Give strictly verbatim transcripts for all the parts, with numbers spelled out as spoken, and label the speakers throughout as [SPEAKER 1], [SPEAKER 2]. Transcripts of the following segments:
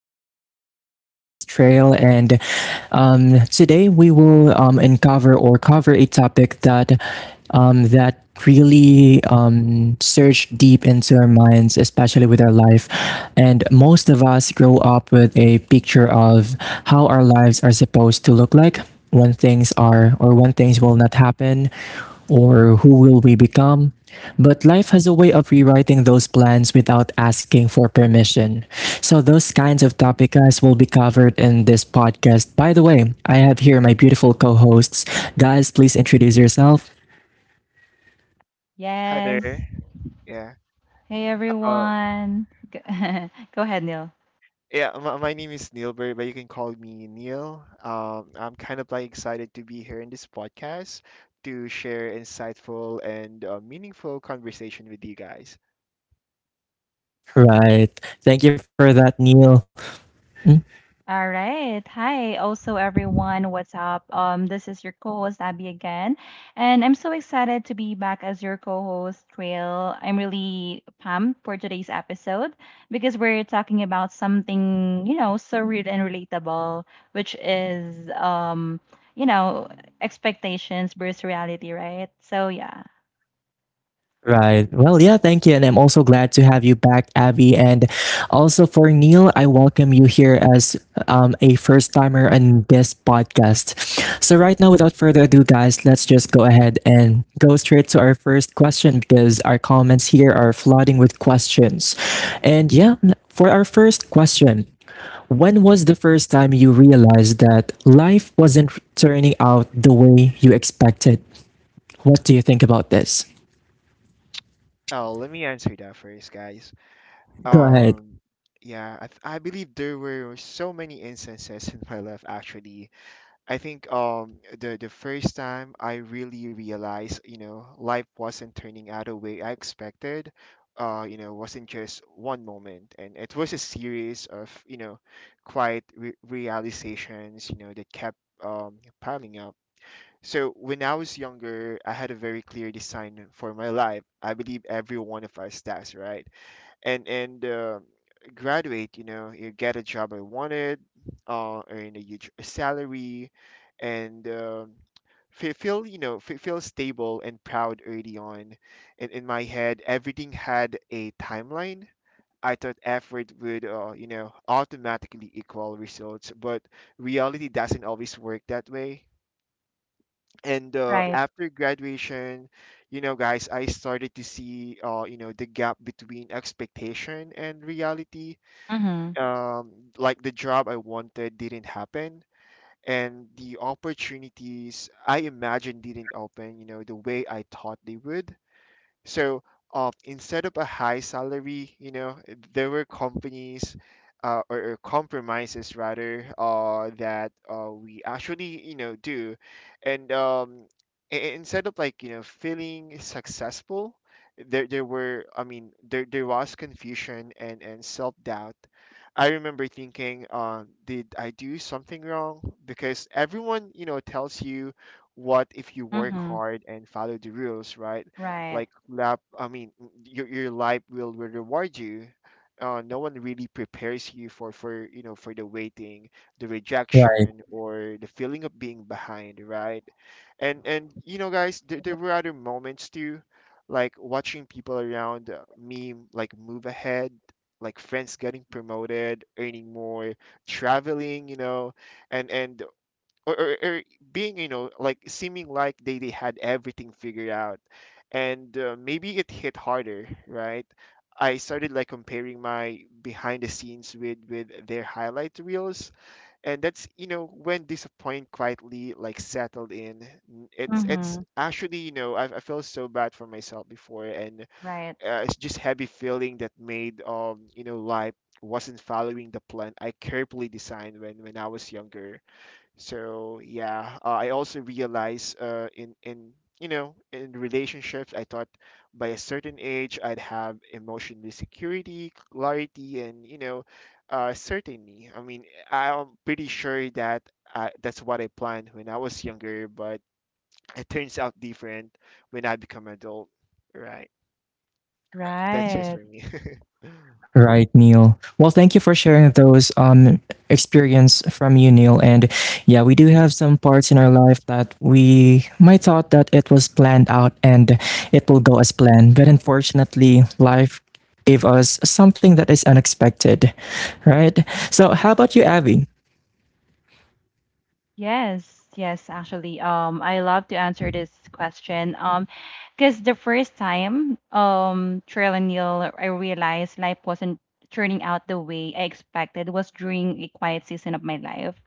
[SPEAKER 1] podcast. Again, this is Trail, and um, today we will um, uncover or cover a topic that um, that really um, searched deep into our minds, especially with our life. And most of us grow up with a picture of how our lives are supposed to look like when things are or when things will not happen or who will we become. But life has a way of rewriting those plans without asking for permission. So those kinds of topics will be covered in this podcast. By the way, I have here my beautiful co-hosts. Guys, please introduce yourself.
[SPEAKER 2] Hi
[SPEAKER 3] Yes.
[SPEAKER 2] there. Yeah.
[SPEAKER 3] Hey
[SPEAKER 2] Um,
[SPEAKER 3] everyone. G- Go ahead, Neil.
[SPEAKER 2] yeah, my, my name is Neil but you can call me Neil. Um, I'm kind of like excited to be here in this podcast to share insightful and uh, meaningful conversation with you guys.
[SPEAKER 1] Right. Thank you for that, Neil. Hmm?
[SPEAKER 3] All right. Hi, also everyone. What's up? Um, this is your co-host Abby again, and I'm so excited to be back as your co-host Trail. I'm really pumped for today's episode because we're talking about something you know so real and relatable, which is um you know expectations versus reality, right? So yeah.
[SPEAKER 1] Right. Well, yeah, thank you. And I'm also glad to have you back, Abby. And also for Neil, I welcome you here as um, a first timer on this podcast. So, right now, without further ado, guys, let's just go ahead and go straight to our first question because our comments here are flooding with questions. And yeah, for our first question, when was the first time you realized that life wasn't turning out the way you expected? What do you think about this?
[SPEAKER 2] Oh, let me answer that first, guys.
[SPEAKER 1] Go ahead.
[SPEAKER 2] Um, yeah, I, th- I believe there were so many instances in my life actually. I think um the the first time I really realized, you know, life wasn't turning out the way I expected, uh, you know, wasn't just one moment, and it was a series of, you know, quiet re realizations, you know, that kept um piling up. So when I was younger, I had a very clear design for my life. I believe every one of us does, right? and and uh, Graduate, you know, you get a job. I wanted uh earn a huge salary, and um fe- feel you know fe- feel stable and proud early on. And in my head, everything had a timeline. I thought effort would, uh, you know, automatically equal results, but reality doesn't always work that way. And uh,
[SPEAKER 3] Right.
[SPEAKER 2] after graduation, you know, guys, I started to see, uh, you know, the gap between expectation and reality.
[SPEAKER 3] Mm-hmm.
[SPEAKER 2] um, like, the job I wanted didn't happen, and the opportunities I imagined didn't open, you know, the way I thought they would. So, um, instead of a high salary, you know, there were companies, uh, or, or compromises rather, uh, that, uh, we actually, you know, do. And um, i- i- instead of, like, you know, feeling successful, there, there were, I mean, there, there was confusion and, and self doubt. I remember thinking, uh, did I do something wrong? Because everyone, you know, tells you what if you work
[SPEAKER 3] Mm-hmm.
[SPEAKER 2] hard and follow the rules, right?
[SPEAKER 3] Right.
[SPEAKER 2] like lap I mean, your, your life will, will reward you. Uh, no one really prepares you for for you know, for the waiting, the
[SPEAKER 1] Right.
[SPEAKER 2] rejection, or the feeling of being behind, right? and and You know, guys, there, there were other moments too, like watching people around, uh, me, like, move ahead. Like friends getting promoted, earning more, traveling, you know. And and or, or, or being, you know, like, seeming like they, they had everything figured out. And uh, maybe it hit harder, right? I started, like, comparing my behind the scenes with with their highlight reels. And that's, you know, when disappointment quietly, like, settled in. N- it's
[SPEAKER 3] Mm-hmm.
[SPEAKER 2] it's actually, you know, i, I felt so bad for myself before. And
[SPEAKER 3] Right,
[SPEAKER 2] uh, it's just heavy feeling that made, um you know, life wasn't following the plan I carefully designed when when I was younger. So yeah, uh, I also realized, uh, in in you know, in relationships, I thought by a certain age I'd have emotional security, clarity, and, you know, uh, certainty. I mean, I'm pretty sure that, uh, that's what I planned when I was younger, but it turns out different when I become adult. Right?
[SPEAKER 1] Right.
[SPEAKER 2] That's just
[SPEAKER 3] right.
[SPEAKER 2] for me.
[SPEAKER 1] Right, Neil. Well, thank you for sharing those um experience from you, Neil. And yeah, we do have some parts in our life that we might thought that it was planned out and it will go as planned, but unfortunately, life gave us something that is unexpected, right? So, how about you, Abby?
[SPEAKER 3] Yes, yes, actually. Um, I love to answer this question. Um, because the first time, um, Trail and Neil, I realized life wasn't turning out the way I expected was during a quiet season of my life.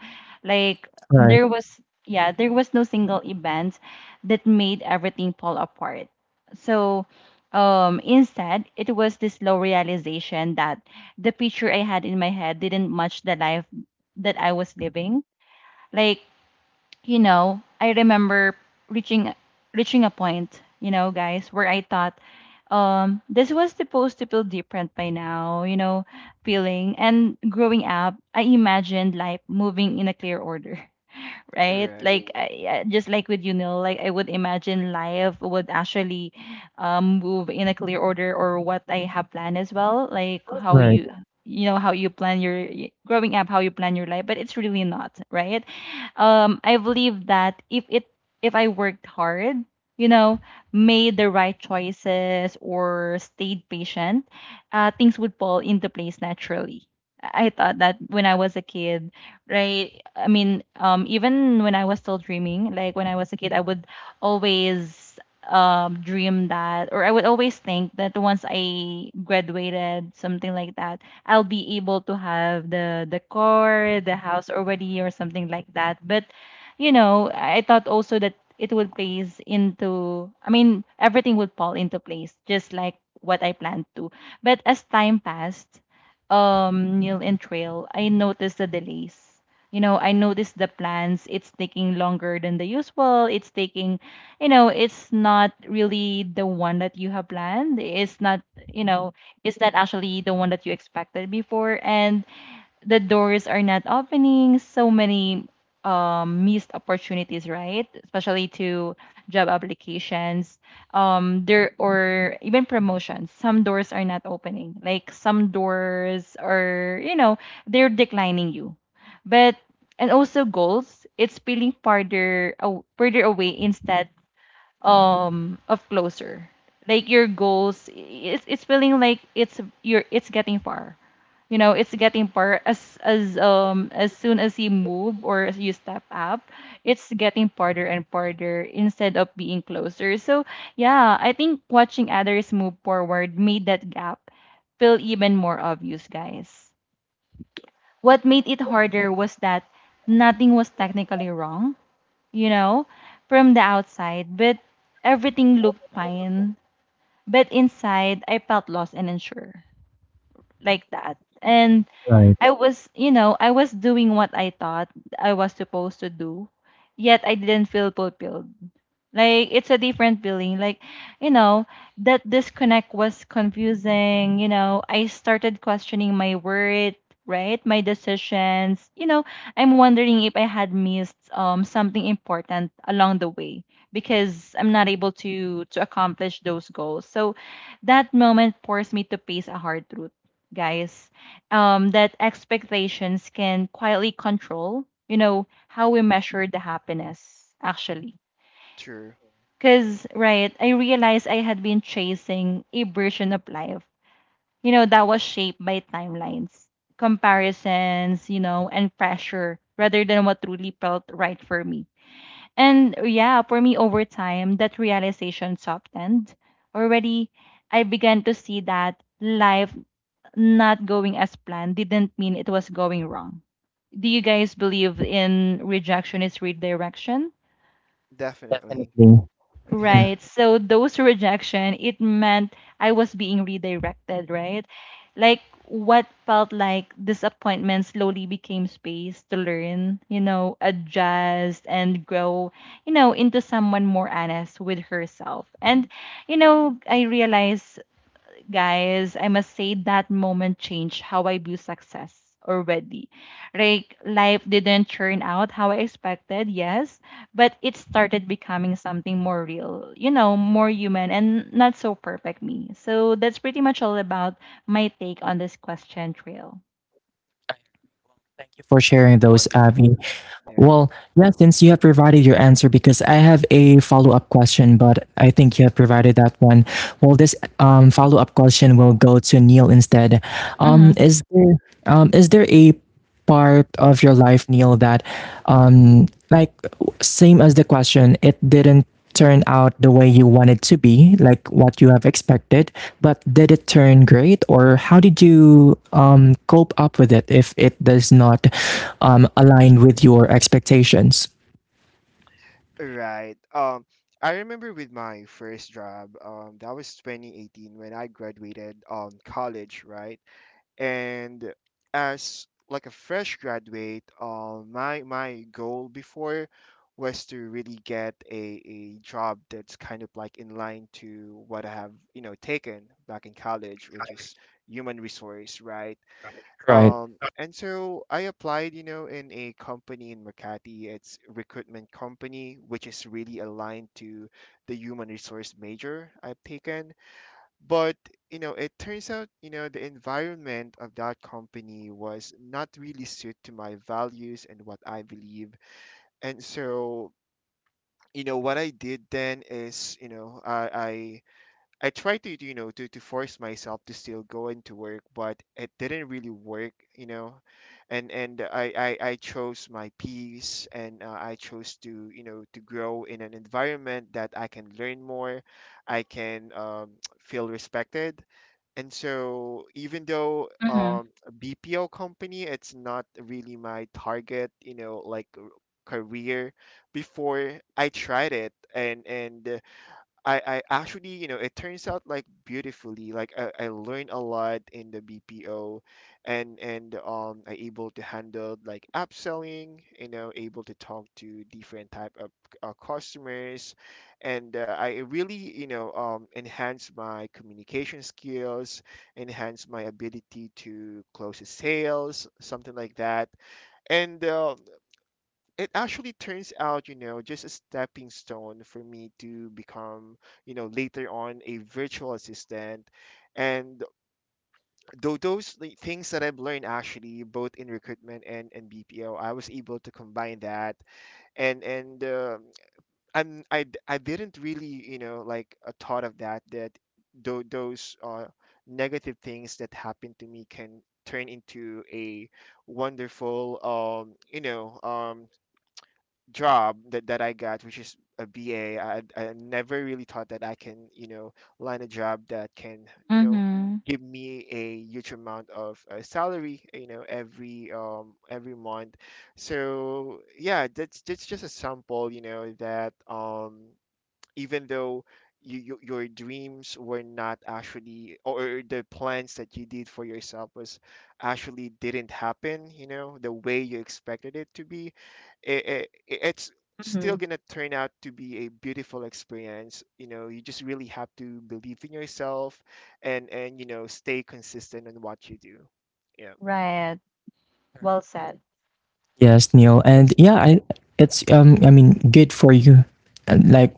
[SPEAKER 3] Like
[SPEAKER 1] Right,
[SPEAKER 3] there was, yeah, there was no single event that made everything fall apart. So, um, instead, it was this slow realization that the picture I had in my head didn't match the life that I was living like you know, I remember reaching reaching a point, you know, guys, where I thought um this was supposed to feel different by now, you know, feeling and growing up, I imagined life moving in a clear order, right?
[SPEAKER 2] Right.
[SPEAKER 3] Like I, I- just like with you know, like I would imagine life would actually um move in a clear order or what I have planned as well, like how
[SPEAKER 1] right,
[SPEAKER 3] you, you know, how you plan your y- growing up, how you plan your life, but it's really not, right? Um, I believe that if it if I worked hard, you know, made the right choices or stayed patient, uh, things would fall into place naturally. I I thought that when I was a kid, right? I mean, um, even when I was still dreaming, like when I was a kid, I would always um, dream that, or I would always think that once I graduated, something like that, I'll be able to have the the car, the house already, or something like that. But you know, I thought also that it would place into, I mean, everything would fall into place, just like what I planned to. But as time passed, um, Neil and Trail, I noticed the delays. You know, I noticed the plans. It's taking longer than the usual. It's taking, you know, it's not really the one that you have planned. It's not, you know, it's not actually the one that you expected before. And the doors are not opening. So many um, missed opportunities, right? Especially to job applications, um there, or even promotions. Some doors are not opening, like some doors are, you know, they're declining you. But and also goals, it's feeling farther aw- further away instead um of closer. Like your goals, it's it's feeling like it's you're it's getting far, you know, it's getting far as as um as soon as you move or as you step up, it's getting farther and farther instead of being closer. So yeah, I think watching others move forward made that gap feel even more obvious, guys. What made it harder was that nothing was technically wrong, you know, from the outside, but everything looked fine. But inside, I felt lost and unsure, like that. And
[SPEAKER 1] right.
[SPEAKER 3] I was, you know, I was doing what I thought I was supposed to do, yet I didn't feel fulfilled. Like it's a different feeling. Like, you know, that disconnect was confusing, you know. I started questioning my worth, right? My decisions. You know, I'm wondering if I had missed um something important along the way because I'm not able to to accomplish those goals. So that moment forced me to face a hard truth, guys. Um that expectations can quietly control, you know, how we measure the happiness actually,
[SPEAKER 2] True.
[SPEAKER 3] because, right, I realized I had been chasing a version of life, you know, that was shaped by timelines, comparisons, you know, and pressure rather than what truly felt right for me. And yeah, for me, over time, that realization softened. Already, I began to see that life not going as planned didn't mean it was going wrong. Do you guys believe in rejection is redirection?
[SPEAKER 2] Definitely.
[SPEAKER 1] Definitely. Mhm.
[SPEAKER 2] Yeah.
[SPEAKER 3] Right. So those rejection, it meant I was being redirected, right? Like what felt like disappointment slowly became space to learn, you know, adjust and grow, you know, into someone more honest with herself. And, you know, I realized, guys, I must say that moment changed how I view success already. Like life didn't turn out how I expected, yes, but it started becoming something more real, you know, more human and not so perfect me. So that's pretty much all about my take on this question, Trail.
[SPEAKER 1] Thank you for sharing those,
[SPEAKER 2] Wonderful.
[SPEAKER 1] Abby.
[SPEAKER 2] Yeah.
[SPEAKER 1] Well, yeah, since you have provided your answer, because I have a follow up question, but I think you have provided that one. Well, this um, follow up question will go to Neil instead. Um,
[SPEAKER 3] Mhm.
[SPEAKER 1] is there um, is there a part of your life, Neil, that um like same as the question, it didn't turn out the way you wanted to be, like what you have expected, but did it turn great or how did you um cope up with it if it does not um align with your expectations?
[SPEAKER 2] Right. Um, I remember with my first job, um, that was twenty eighteen when I graduated um college, right? And as, like, a fresh graduate, um, my my goal before was to really get a, a job that's kind of like in line to what I have, you know, taken back in college, which is human resource, right?
[SPEAKER 1] Right.
[SPEAKER 2] Um, and so I applied, you know, in a company in Makati. It's recruitment company, which is really aligned to the human resource major I've taken. But, you know, it turns out, you know, the environment of that company was not really suited to my values and what I believe. And so, you know, what I did then is, you know, I, I tried to, you know, to, to force myself to still go into work, but it didn't really work, you know. And and I, I, I chose my peace and, uh, I chose to, you know, to grow in an environment that I can learn more, I can, um, feel respected. And so even though,
[SPEAKER 3] Mhm.
[SPEAKER 2] um, a B P O company, it's not really my target, you know, like r- career before, I tried it. And and uh, I, I actually, you know, it turns out, like, beautifully. Like I, I learned a lot in the B P O, and and um I able to handle, like, upselling, you know, able to talk to different type of, uh, customers. And, uh, I really, you know, um enhance my communication skills, enhance my ability to close sales, something like that. And, uh, it actually turns out, you know, just a stepping stone for me to become, you know, later on a virtual assistant. And though those, like, things that I've learned actually, both in recruitment and, and B P O, I was able to combine that. And and uh, I'm I, d- I didn't really, you know, like, uh, thought of that that tho- those uh, negative things that happened to me can turn into a wonderful, um you know, um job that, that I got, which is a B A. I, I never really thought that I can, you know, land a job that can, you know,
[SPEAKER 3] Mhm.
[SPEAKER 2] give me a huge amount of, uh, salary, you know, every, um every month. So yeah, that's that's just a sample, you know, that, um even though you, you, your dreams were not actually or the plans that you did for yourself was actually didn't happen, you know, the way you expected it to be, it, it, it's still going
[SPEAKER 3] Mhm.
[SPEAKER 2] to turn out to be a beautiful experience. You know, you just really have to believe in yourself and and you know, stay consistent in what you do. Yeah.
[SPEAKER 3] Right. Well said.
[SPEAKER 1] Yes, Neil. And yeah, I it's um I mean, good for you. And, like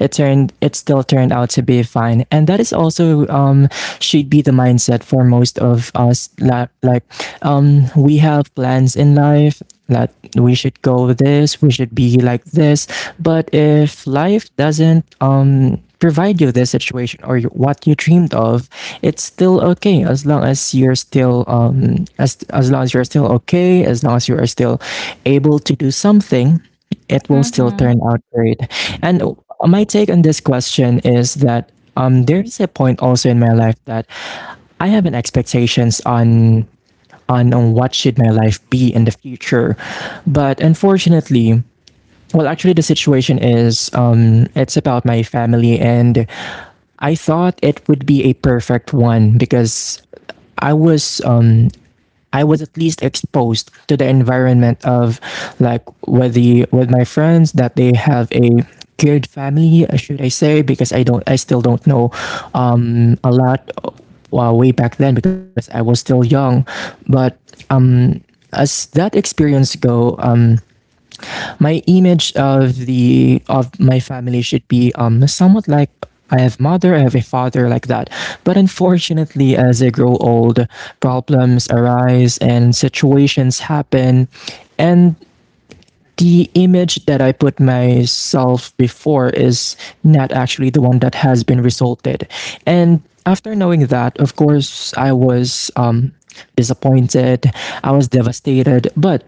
[SPEAKER 1] it turned it still turned out to be fine, and that is also um should be the mindset for most of us la- like um we have plans in life that we should go this, we should be like this. But if life doesn't um provide you this situation or you- what you dreamed of, it's still okay, as long as you're still um as as long as you're still okay, as long as you are still able to do something, it will still turn
[SPEAKER 3] Mhm.
[SPEAKER 1] out great. And uh, my take on this question is that um, there's a point also in my life that I have an expectations on on on what should my life be in the future, but unfortunately, well, actually, the situation is um, it's about my family, and I thought it would be a perfect one because I was um, I was at least exposed to the environment of like with the with my friends that they have a geared family, uh, should I say? Because I don't, I still don't know um, a lot uh, way back then because I was still young. But um, as that experience go, um, my image of the of my family should be um somewhat like I have mother, I have a father like that. But unfortunately, as I grow old, problems arise and situations happen, and the image that I put myself before is not actually the one that has been resulted. And after knowing that, of course, I was um, disappointed, I was devastated, but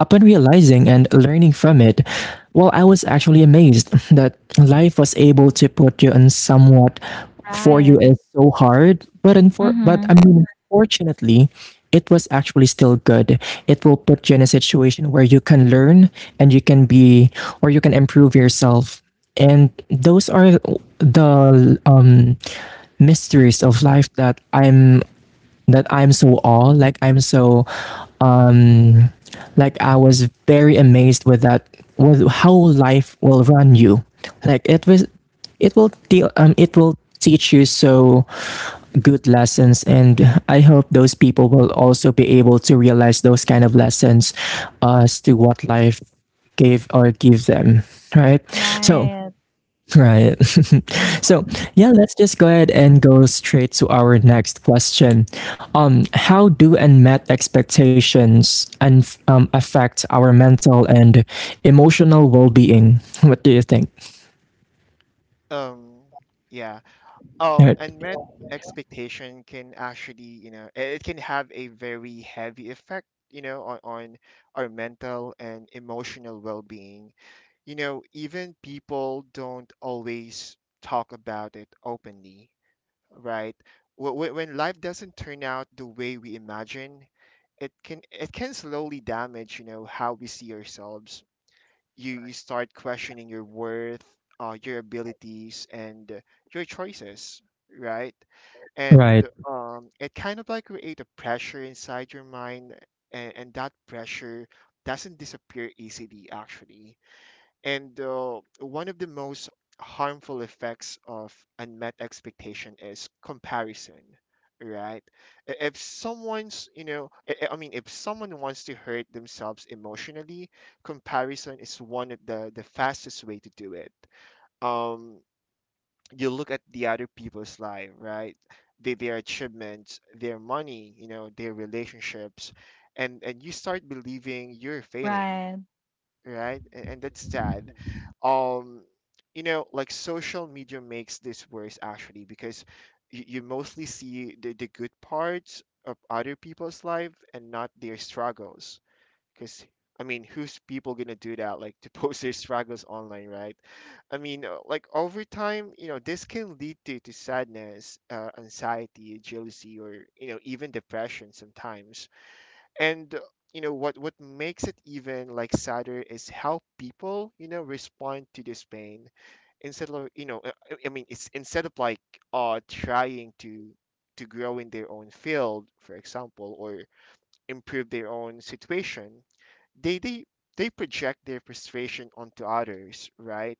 [SPEAKER 1] upon realizing and learning from it, well, I was actually amazed that life was able to put you on somewhat for you
[SPEAKER 3] Right.
[SPEAKER 1] is so hard, but unfor- but I
[SPEAKER 3] Mhm.
[SPEAKER 1] mean, fortunately, it was actually still good. It will put you in a situation where you can learn and you can be or you can improve yourself. And those are the um, mysteries of life that I'm that I'm so awed, like I'm so, um, like I was very amazed with that, with how life will run you, like it was, it will deal, um, it will teach you so good lessons, and I hope those people will also be able to realize those kind of lessons, uh, as to what life gave or give them, right? So
[SPEAKER 3] Right.
[SPEAKER 1] right. So, yeah, let's just go ahead and go straight to our next question. Um, how do unmet expectations and um, affect our mental and emotional well-being? What do you think?
[SPEAKER 2] um yeah um
[SPEAKER 1] Right.
[SPEAKER 2] Unmet expectation can actually, you know, it can have a very heavy effect, you know, on, on our mental and emotional well-being, you know, even people don't always talk about it openly, right? Wh- wh- when life doesn't turn out the way we imagine, it can it can slowly damage, you know, how we see ourselves. you you start questioning your worth, uh, your abilities, and your choices, right? And,
[SPEAKER 1] Right.
[SPEAKER 2] um, it kind of like create a pressure inside your mind. And, and That pressure doesn't disappear easily, actually. And, uh, one of the most harmful effects of unmet expectation is comparison, right? I- if someone's you know I I- I mean, if someone wants to hurt themselves emotionally, comparison is one of the the fastest way to do it. um you look at the other people's life, right? They, their achievements, their money, you know, their relationships, and and you start believing you're failing,
[SPEAKER 3] Right.
[SPEAKER 2] right? And, and That's sad. Um, you know, like, social media makes this worse actually because you, you mostly see the, the good parts of other people's life and not their struggles, because, I mean, who's people gonna do that? Like, to post their struggles online, right? I mean, uh, like, over time, you know, this can lead to, to sadness, uh, anxiety, jealousy, or, you know, even depression sometimes. And, uh, you know, what, what makes it even, like, sadder is how people, you know, respond to this pain instead of, you know, uh, I I mean, it's instead of like, uh, trying to, to grow in their own field, for example, or improve their own situation. they they they project their frustration onto others, right?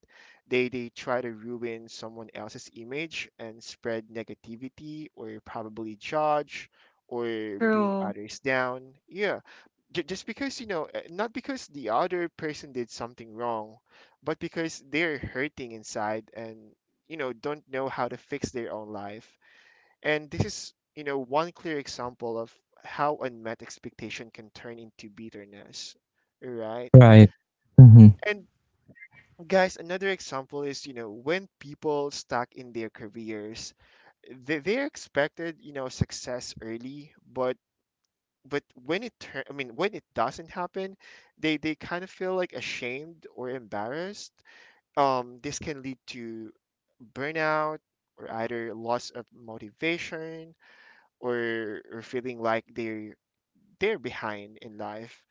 [SPEAKER 2] they they try to ruin someone else's image and spread negativity, or probably judge or bring
[SPEAKER 3] True.
[SPEAKER 2] others down. Yeah. J- just because, you know, uh, not because the other person did something wrong, but because they're hurting inside and, you know, don't know how to fix their own life. And this is, you know, one clear example of how unmet expectation can turn into bitterness, right?
[SPEAKER 1] Right. Mm-hmm.
[SPEAKER 2] And guys, another example is, you know, when people stuck in their careers, they, they're expected, you know, success early, but but when it turn, I mean, when it doesn't happen, they they kind of feel like ashamed or embarrassed. Um, this can lead to burnout, or either loss of motivation, or, or feeling like they're they're behind in life.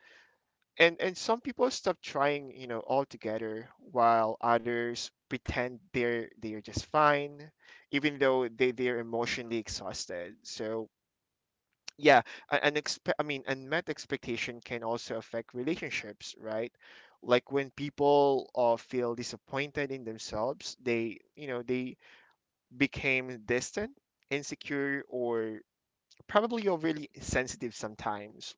[SPEAKER 2] And and Some people stop trying, you know, altogether, while others pretend they're they're just fine, even though they they're emotionally exhausted. So yeah, a- an expe- I mean, unmet expectation can also affect relationships, right? Like when people, uh, feel disappointed in themselves, they, you know, they became distant, insecure, or probably overly sensitive sometimes.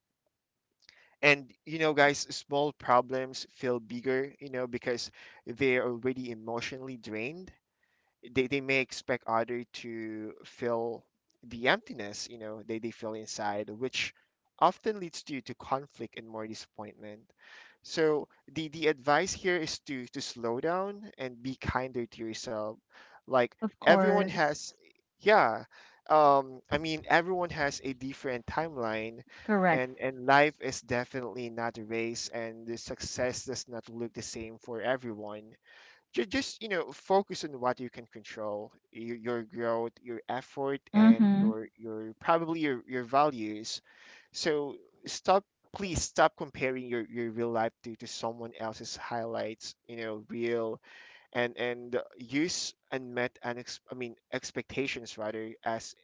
[SPEAKER 2] And you know, guys, small problems feel bigger, you know, because they're already emotionally drained. They, they may expect other to fill the emptiness you know they, they feel inside, which often leads to to conflict and more disappointment. So the the advice here is to to slow down and be kinder to yourself. Like
[SPEAKER 3] Of
[SPEAKER 2] everyone has,
[SPEAKER 3] course.
[SPEAKER 2] yeah, um i mean everyone has a different timeline.
[SPEAKER 3] Correct.
[SPEAKER 2] And and life is definitely not a race, and the success does not look the same for everyone. Ju- just you know focus on what you can control, your, your growth, your effort, and
[SPEAKER 3] Mm-hmm.
[SPEAKER 2] your your probably your, your values. So stop, please stop comparing your, your real life to, to someone else's highlights, you know, real. And and use unmet and ex- i mean expectations rather as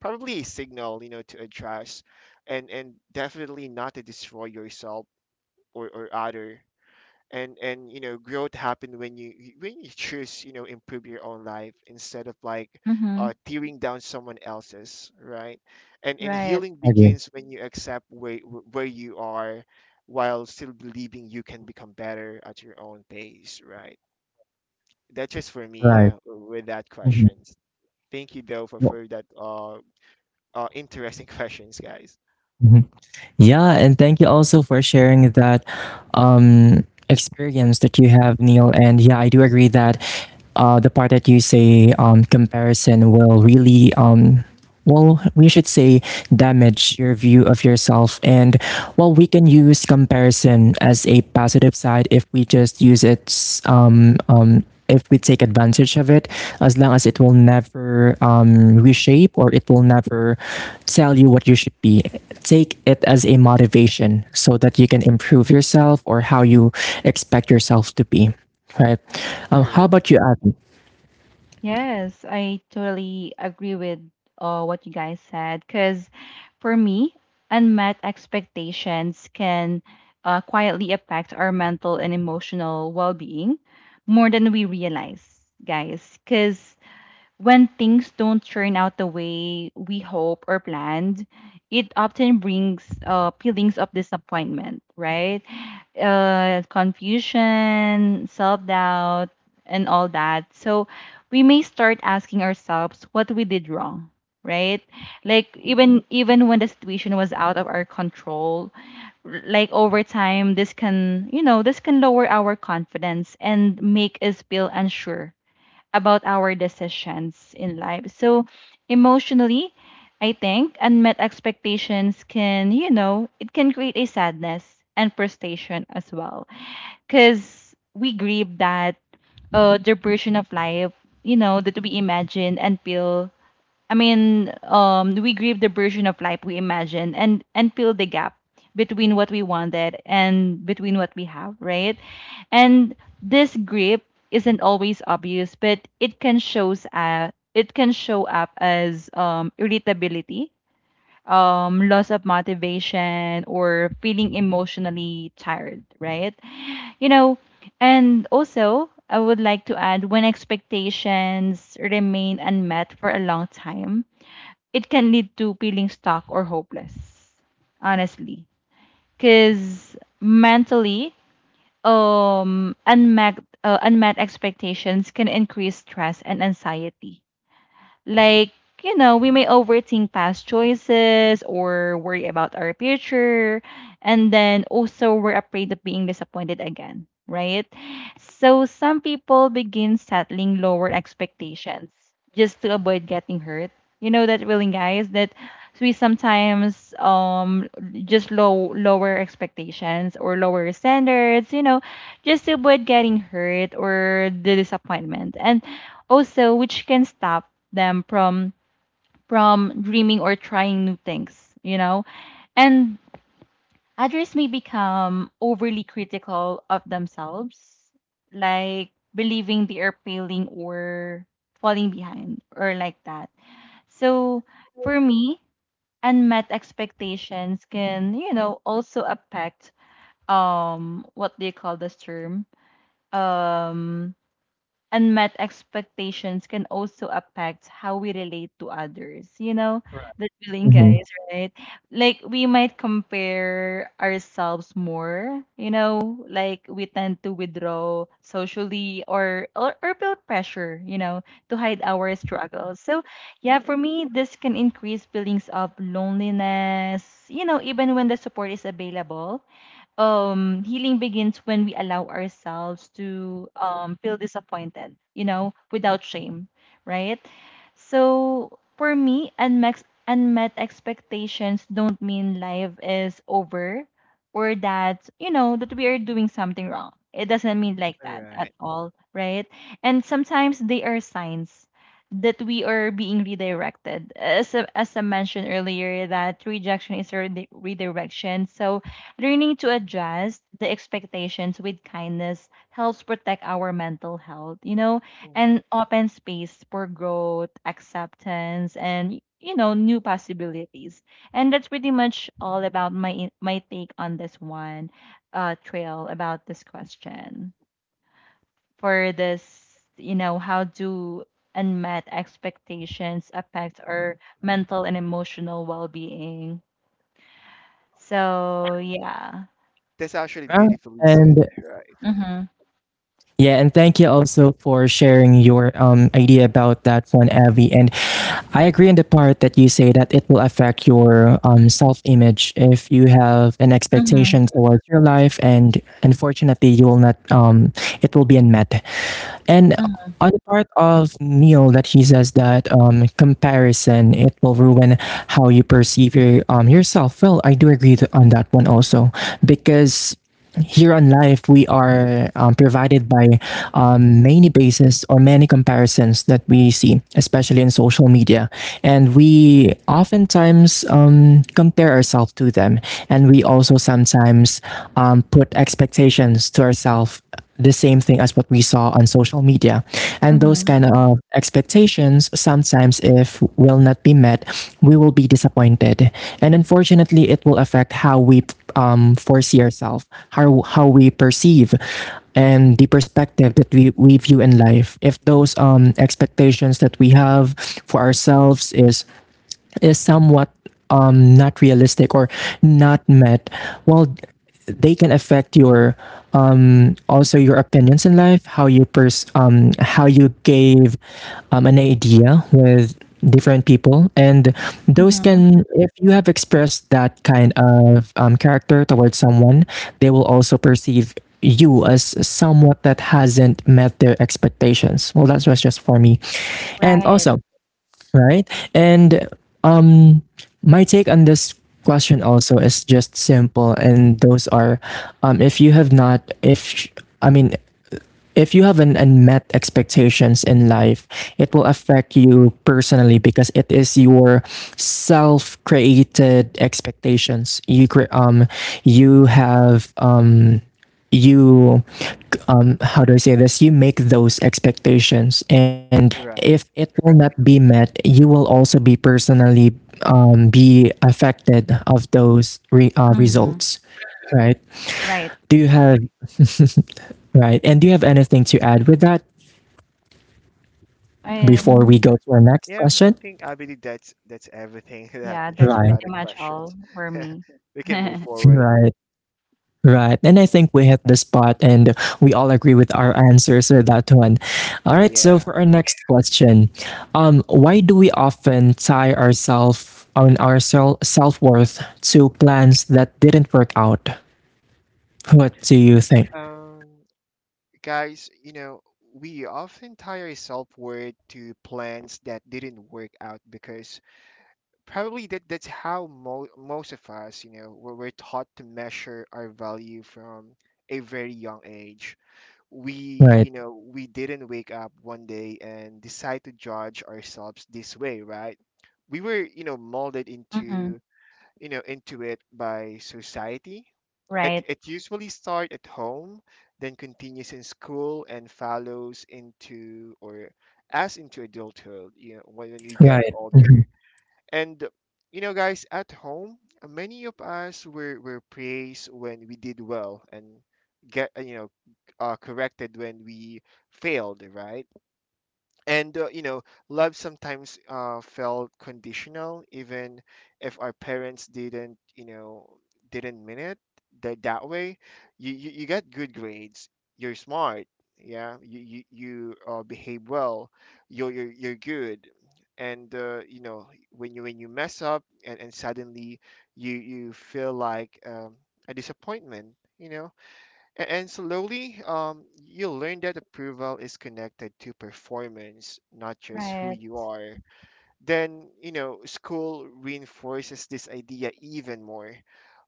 [SPEAKER 2] probably a signal, you know, to address, and and definitely not to destroy yourself or, or other. And and you know, growth happen when you you- when you choose, you know, improve your own life instead of like
[SPEAKER 3] Mm-hmm.
[SPEAKER 2] uh, tearing down someone else's, right? And and
[SPEAKER 3] Right.
[SPEAKER 2] healing
[SPEAKER 1] I agree.
[SPEAKER 2] begins when you accept where where you are, while still believing you can become better at your own pace, right? That's just for me, uh,
[SPEAKER 1] Right.
[SPEAKER 2] with that questions. Thank you though for,
[SPEAKER 1] Mm-hmm.
[SPEAKER 2] for that uh, uh interesting questions, guys.
[SPEAKER 1] Yeah, and thank you also for sharing that um, experience that you have, Neil. And yeah, I do agree that uh, the part that you say um, comparison will really, um, well, we should say damage your view of yourself. And well, we can use comparison as a positive side if we just use it, um, um, if we take advantage of it, as long as it will never um, reshape or it will never tell you what you should be, take it as a motivation so that you can improve yourself or how you expect yourself to be, right? Um, how
[SPEAKER 2] True.
[SPEAKER 1] about you, Abby?
[SPEAKER 3] Yes, I totally agree with uh, what you guys said. Because for me, unmet expectations can uh, quietly affect our mental and emotional well being more than we realize, guys. Because when things don't turn out the way we hope or planned, it often brings uh, feelings of disappointment, right? Uh, confusion, self doubt, and all that. So we may start asking ourselves what we did wrong, right? Like even even when the situation was out of our control, r- like over time, this can, you know, this can lower our confidence and make us feel unsure about our decisions in life. So emotionally, I think unmet expectations can, you know, it can create a sadness and frustration as well. Because we grieve that uh, the version of life, you know, that we imagine and feel, I mean, um, we grieve the version of life we imagine and and fill the gap between what we wanted and between what we have, right? And this grief isn't always obvious, but it can shows uh, it can show up as um, irritability, um, loss of motivation, or feeling emotionally tired, right? You know, and also I would like to add, when expectations remain unmet for a long time, it can lead to feeling stuck or hopeless, honestly. Because mentally, um, unmet, uh, unmet expectations can increase stress and anxiety. Like, you know, we may overthink past choices or worry about our future. And then also, we're afraid of being disappointed again, right? So some people begin settling lower expectations just to avoid getting hurt. You know that feeling, guys, that we sometimes um just low lower expectations or lower standards, you know, just to avoid getting hurt or the disappointment. And also which can stop them from from dreaming or trying new things, you know. And others may become overly critical of themselves, like believing they are failing or falling behind or like that. So for me, unmet expectations can, you know, also affect um what do you call this term, um unmet expectations can also affect how we relate to others. You know, the feeling, guys,
[SPEAKER 1] Mhm.
[SPEAKER 3] right? Like, we might compare ourselves more, you know, like we tend to withdraw socially or, or, or feel pressure, you know, to hide our struggles. So, yeah, for me, this can increase feelings of loneliness, you know, even when the support is available. Um healing begins when we allow ourselves to um feel disappointed, you know, without shame, right? So for me, unmet unmet expectations don't mean life is over, or that, you know, that we are doing something wrong. It doesn't mean like
[SPEAKER 2] All
[SPEAKER 3] that at
[SPEAKER 2] right.
[SPEAKER 3] all, right? And sometimes they are signs that we are being redirected, as I- as I mentioned earlier, that rejection is a redi- redirection. So learning to adjust the expectations with kindness helps protect our mental health, you know,
[SPEAKER 2] Mhm.
[SPEAKER 3] and open space for growth, acceptance, and, you know, new possibilities. And that's pretty much all about my in- my take on this one, uh, Trail, about this question for this, you know, how do unmet expectations affect our mental and emotional well-being? So yeah.
[SPEAKER 2] That's actually
[SPEAKER 1] Yeah,
[SPEAKER 2] beautifully
[SPEAKER 1] and
[SPEAKER 2] said, right?
[SPEAKER 3] Mm-hmm.
[SPEAKER 1] yeah and thank you also for sharing your um, idea about that one, Abby. And I agree in the part that you say that it will affect your um, self image if you have an
[SPEAKER 3] Mm-hmm.
[SPEAKER 1] expectation towards your life, and unfortunately, you will not, um, it will be unmet. And
[SPEAKER 3] Mhm,
[SPEAKER 1] on the part of Neil, that he says that um, comparison it will ruin how you perceive your, um, yourself. Well, I do agree th- on that one also because here on Life, we are um, provided by um, many bases or many comparisons that we see, especially in social media. And we oftentimes um, compare ourselves to them. And we also sometimes um, put expectations to ourselves the same thing as what we saw on social media. And those
[SPEAKER 3] mhm,
[SPEAKER 1] kind of expectations, sometimes if will not be met, we will be disappointed. And unfortunately, it will affect how we um, foresee ourselves, how, how we perceive, and the perspective that we, we view in life. If those um, expectations that we have for ourselves is, is somewhat um, not realistic or not met, well, they can affect your also your opinions in life, how you pers- um, how you gave um, an idea with different people, and those
[SPEAKER 3] mhm.
[SPEAKER 1] can, if you have expressed that kind of um, character towards someone, they will also perceive you as somewhat that hasn't met their expectations. Well, that's was just for me, and
[SPEAKER 3] Right.
[SPEAKER 1] also right? And um, my take on this question also is just simple, and those are, um, if you have not, if, I mean, if you have an unmet expectations in life, it will affect you personally because it is your self-created expectations. You cre- um you have um you um how do I say this? You make those expectations and
[SPEAKER 2] Right.
[SPEAKER 1] if it will not be met, you will also be personally um, be affected of those re- uh,
[SPEAKER 3] Mhm.
[SPEAKER 1] results, right?
[SPEAKER 3] Right.
[SPEAKER 1] Do you have right? And do you have anything to add with that before
[SPEAKER 3] Um,
[SPEAKER 1] we go to our next
[SPEAKER 2] Yeah, I
[SPEAKER 1] question?
[SPEAKER 2] think I believe that's that's everything that I
[SPEAKER 3] yeah,
[SPEAKER 2] can
[SPEAKER 3] that's
[SPEAKER 2] share about
[SPEAKER 3] pretty
[SPEAKER 2] the
[SPEAKER 1] Right,
[SPEAKER 3] much all
[SPEAKER 2] questions.
[SPEAKER 3] for
[SPEAKER 2] Yeah,
[SPEAKER 3] me.
[SPEAKER 2] we can move forward.
[SPEAKER 1] right, right. And I think we hit the spot and we all agree with our answers with that one. All right, so
[SPEAKER 2] Yeah.
[SPEAKER 1] for our next question, um, why do we often tie ourselves on our self worth to plans that didn't work out? What do you think?
[SPEAKER 2] Um, guys, you know, we often tie our self-worth to plans that didn't work out because probably that that's how mo most of us, you know, we're, we're taught to measure our value from a very young age. We,
[SPEAKER 1] Right,
[SPEAKER 2] you know, we didn't wake up one day and decide to judge ourselves this way, right? We were, you know, molded
[SPEAKER 3] Mhm.
[SPEAKER 2] into you know into it by society. it,
[SPEAKER 3] Right.
[SPEAKER 2] it usually starts at home, then continues in school, and follows into or as into adulthood, you know, when, when we get
[SPEAKER 1] right, mhm,
[SPEAKER 2] older. And you know, guys, at home, uh, many of us were, were praised when we did well, and get uh, you know uh, corrected when we failed, right? And uh, you know, love sometimes uh, felt conditional, even if our parents didn't, you know, didn't mean it that that way. You, you, you get good grades, you're smart. Yeah, you, you, you uh, behave well, you're you're, you're good. And uh, you know, when you, when you mess up, and, and suddenly you, you feel like um, a disappointment, you know. a- And slowly, um, you'll learn that approval is connected to performance, not just who
[SPEAKER 3] Right.
[SPEAKER 2] you are. Then, you know, school reinforces this idea even more.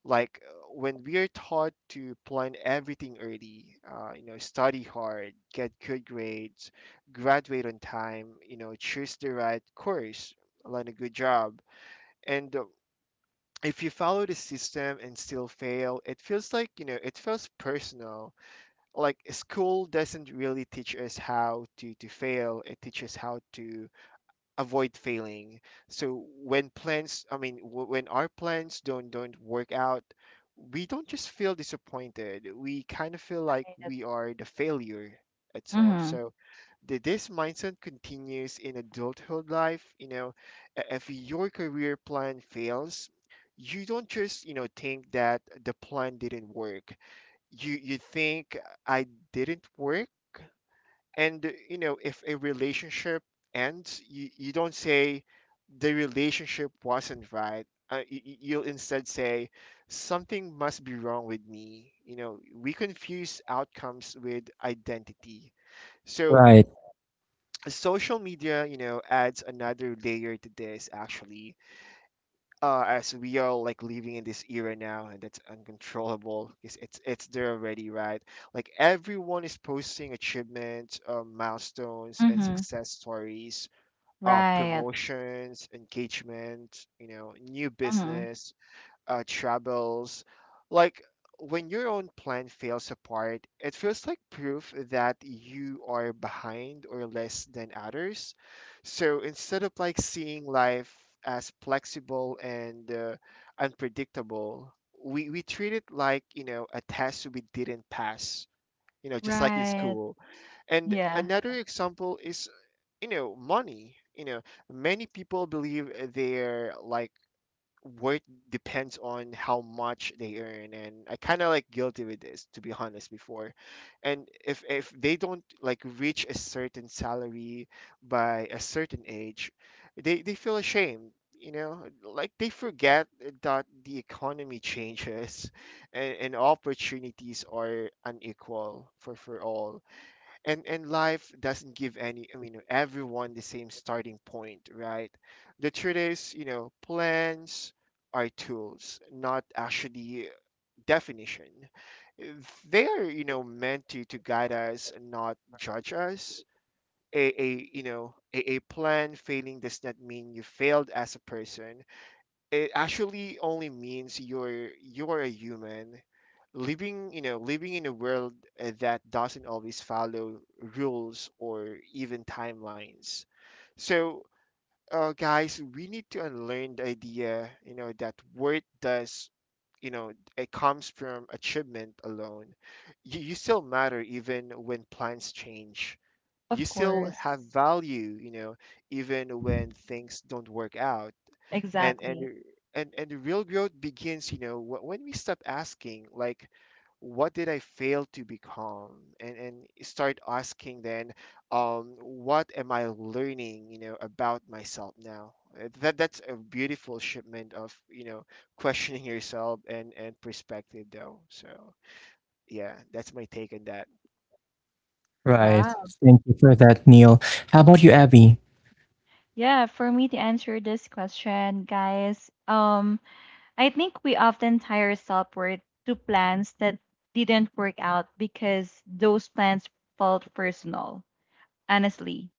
[SPEAKER 2] Like uh, when we are taught to plan everything early, uh, you know, study hard, get good grades, graduate on time, you know, choose the right course, land a good job, and uh, if you follow the system and still fail, it feels like, you know, it feels personal. Like school doesn't really teach us how to to fail. It teaches how to avoid failing. So when plans, i mean w- when our plans don't don't work out, we don't just feel disappointed, we kind of feel like
[SPEAKER 3] Right.
[SPEAKER 2] we are the failure itself.
[SPEAKER 3] Mhm.
[SPEAKER 2] So th- this mindset continues in adulthood life, you know. I- if your career plan fails, you don't just, you know, think that the plan didn't work, you you think I didn't work. And uh, you know, if a relationship ends, you, you don't say the relationship wasn't right. Uh, y- y- you'll instead say something must be wrong with me. You know, we confuse outcomes with identity. So
[SPEAKER 1] right,
[SPEAKER 2] social media, you know, adds another layer to this actually, uh, as we are like living in this era now, and that's uncontrollable. It's, it's it's there already, right? Like everyone is posting achievements, uh, milestones and
[SPEAKER 3] Mhm.
[SPEAKER 2] success stories, uh,
[SPEAKER 3] Right.
[SPEAKER 2] promotions, engagement, you know, new
[SPEAKER 3] Mhm.
[SPEAKER 2] business, uh, troubles. Like when your own plan fails apart, it feels like proof that you are behind or less than others. So instead of like seeing life as flexible and uh, unpredictable, we, we treat it like, you know, a test we didn't pass, you know, just like in
[SPEAKER 3] Right.
[SPEAKER 2] school. And
[SPEAKER 3] Yeah.
[SPEAKER 2] another example is, you know, money. You know, many people believe they're like worth depends on how much they earn, and I kind of like guilty with this, to be honest, before. And if if they don't like reach a certain salary by a certain age, they they feel ashamed. You know, like they forget that the economy changes, and, and opportunities are unequal for for all, and and life doesn't give any, i mean everyone the same starting point, right? The truth is, you know, plans are tools, not actually definition. They are, you know, meant to to guide us, not judge us. A, a You know, a, a plan failing does not mean you failed as a person. It actually only means you're you're a human living, you know, living in a world uh, that doesn't always follow rules or even timelines. So uh, guys, we need to unlearn the idea, you know, that worth does, you know, it comes from achievement alone. you, you still matter even when plans change. You
[SPEAKER 3] Of
[SPEAKER 2] still have
[SPEAKER 3] course.
[SPEAKER 2] value, you know, even when things don't work out. and and
[SPEAKER 3] Exactly.
[SPEAKER 2] y- and and the real growth begins, you know, wh- when we stop asking like, what did I fail to become? And and start asking then, um, what am I learning, you know, about myself now? Uh, that that's a beautiful shipment of, you know, questioning yourself and and perspective though. So yeah, that's my take on that.
[SPEAKER 1] right.
[SPEAKER 3] Wow.
[SPEAKER 1] Thank you for that, Neil. How about you, Abby?
[SPEAKER 3] Yeah, for me to answer this question, guys, um I think we often tie our self worth to plans that didn't work out because those plans felt personal, honestly.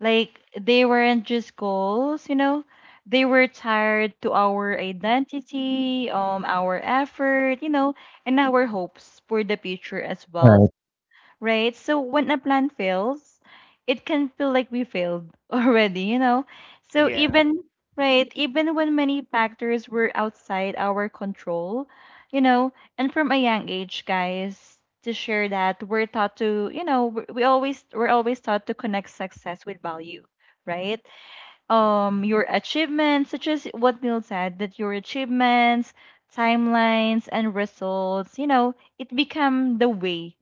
[SPEAKER 3] Like they weren't just goals, you know, they were tied to our identity, um, our effort, you know, and our hopes for the future as well,
[SPEAKER 1] Right.
[SPEAKER 3] right? So when a plan fails, it can feel like we failed already, you know? So
[SPEAKER 2] Yeah.
[SPEAKER 3] even, right, even when many factors were outside our control, you know, and from a young age, guys, to share that we're taught to, you know, we we always we're always taught to connect success with value, right? Um your achievements, such as what Neil said, that your achievements, timelines, and results, you know it become the way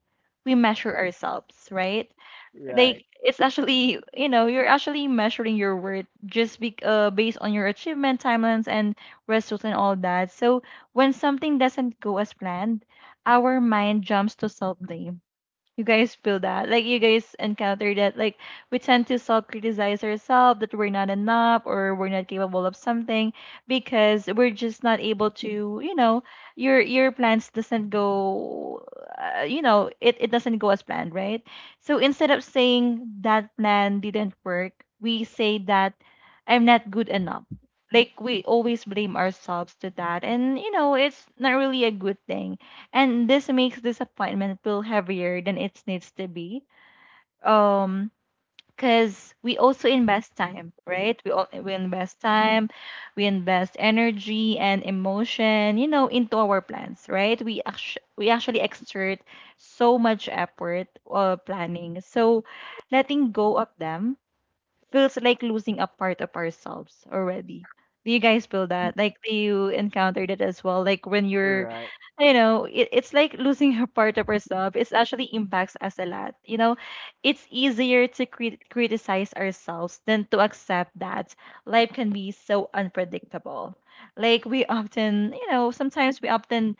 [SPEAKER 3] we measure ourselves, right?
[SPEAKER 2] Right.
[SPEAKER 3] Like it's actually, you know you're actually measuring your worth just be, uh, based on your achievement timelines and results and all that. So when something doesn't go as planned, our mind jumps to self blame. You guys feel that? Like you guys encounter that? Like we tend to self-criticize ourselves that we're not enough or we're not capable of something because we're just not able to, you know, your your plans doesn't go, uh, you know, it it doesn't go as planned, right? So instead of saying that plan didn't work, we say that I'm not good enough. Like we always blame ourselves to that, and you know, it's not really a good thing, and this makes this appointment feel heavier than it needs to be. um because we also invest time, right? We all we invest time, we invest energy and emotion, you know into our plans, right? We actually we actually exert so much effort uh, planning. So letting go of them feels like losing a part of ourselves already. Do you guys feel that? Like, do you encounter that as well? Like, when you're,
[SPEAKER 2] Right.
[SPEAKER 3] you know, it, it's like losing a part of ourselves. It actually impacts us a lot. You know, it's easier to crit- criticize ourselves than to accept that life can be so unpredictable. Like, we often, you know, sometimes we often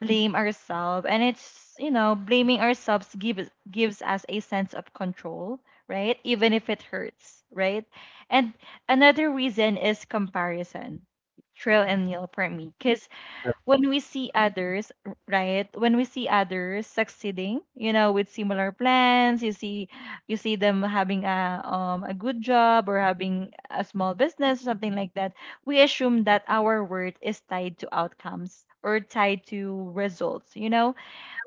[SPEAKER 3] blame ourselves, and it's, you know blaming ourselves gives gives us a sense of control, right? Even if it hurts, right? And another reason is comparison. Trill and Neil for me. Because when we see others, right? When we see others succeeding, you know, with similar plans, you see you see them having a um a good job or having a small business or something like that, we assume that our worth is tied to outcomes or tied to results, you know?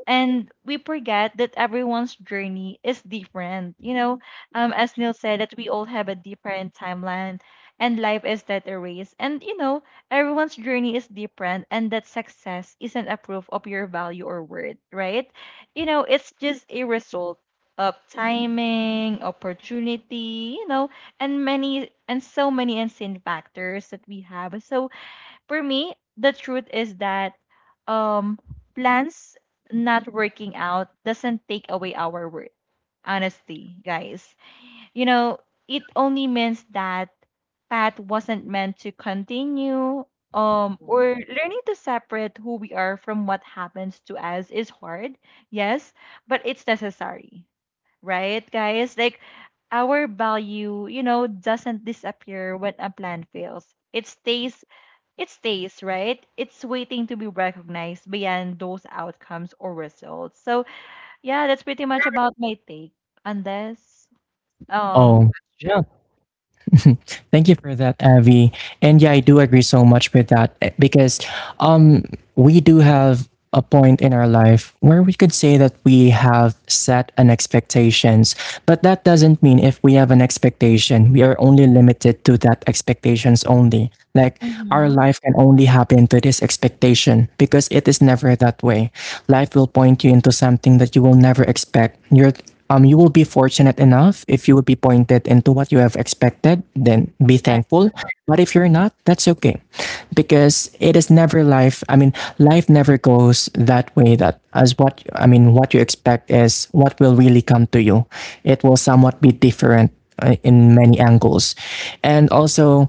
[SPEAKER 3] And we forget that everyone's journey is different. You know, um, as Neil said, that we all have a different timeline, and life is that a race. And you know, everyone's journey is different, and that success isn't a proof of your value or worth, right? You know, it's just a result of timing, opportunity, you know, and many and so many unseen factors that we have. So for me, the truth is that um plans not working out doesn't take away our worth. Honestly, guys. You know, it only means that path wasn't meant to continue. Um, or
[SPEAKER 2] Hmm.
[SPEAKER 3] learning to separate who we are from what happens to us is hard, yes, but it's necessary, right, guys? Like our value, you know, doesn't disappear when a plan fails. It stays it stays, right? It's waiting to be recognized beyond those outcomes or results. So, yeah, that's pretty much about my take on this um
[SPEAKER 1] Oh, yeah.
[SPEAKER 3] question.
[SPEAKER 1] Thank you for that, Avi. And yeah, I do agree so much with that, eh, because um, we do have a point in our life where we could say that we have set an expectations, but that doesn't mean if we have an expectation, we are only limited to that expectations only. Like our
[SPEAKER 3] Mm-hmm.
[SPEAKER 1] life can only happen to this expectation because it is never that way. Life will point you into something that you will never expect. You're um, you will be fortunate enough if you will be pointed into what you have expected, then be
[SPEAKER 3] Correct.
[SPEAKER 1] thankful. But if you're not, that's okay. Because it is never life. I mean, life never goes that way, that as what I mean, what you expect is what will really come to you. It will somewhat be different uh, in many angles. And also,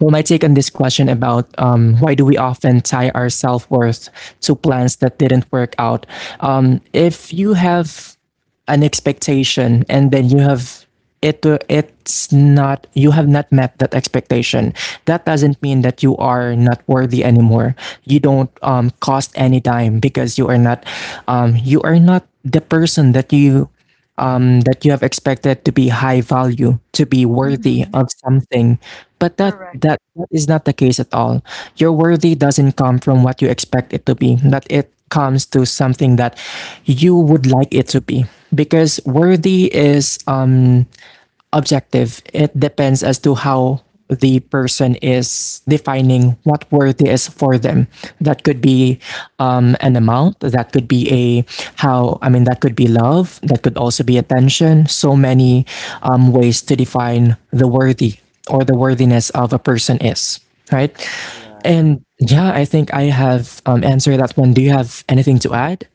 [SPEAKER 1] well, my take on this question about um, why do we often tie our self worth to plans that didn't work out? Um, if you have an expectation and then you have it, it's not you have not met that expectation. That doesn't mean that you are not worthy anymore. You don't um, cost any dime because you are not um, you are not the person that you um, that you have expected to be high value, to be worthy
[SPEAKER 3] Mm-hmm.
[SPEAKER 1] of something. But that,
[SPEAKER 3] Correct.
[SPEAKER 1] that that is not the case at all. Your worthy doesn't come from what you expect it to be, but it comes to something that you would like it to be. Because worthy is um objective. It depends as to how the person is defining what worthy is for them. That could be um, an amount, that could be a how, I mean, that could be love, that could also be attention. So many um, ways to define the worthy or the worthiness of a person is, right?
[SPEAKER 2] Right.
[SPEAKER 1] And yeah, I think I have um, answered that one. Do you have anything to add?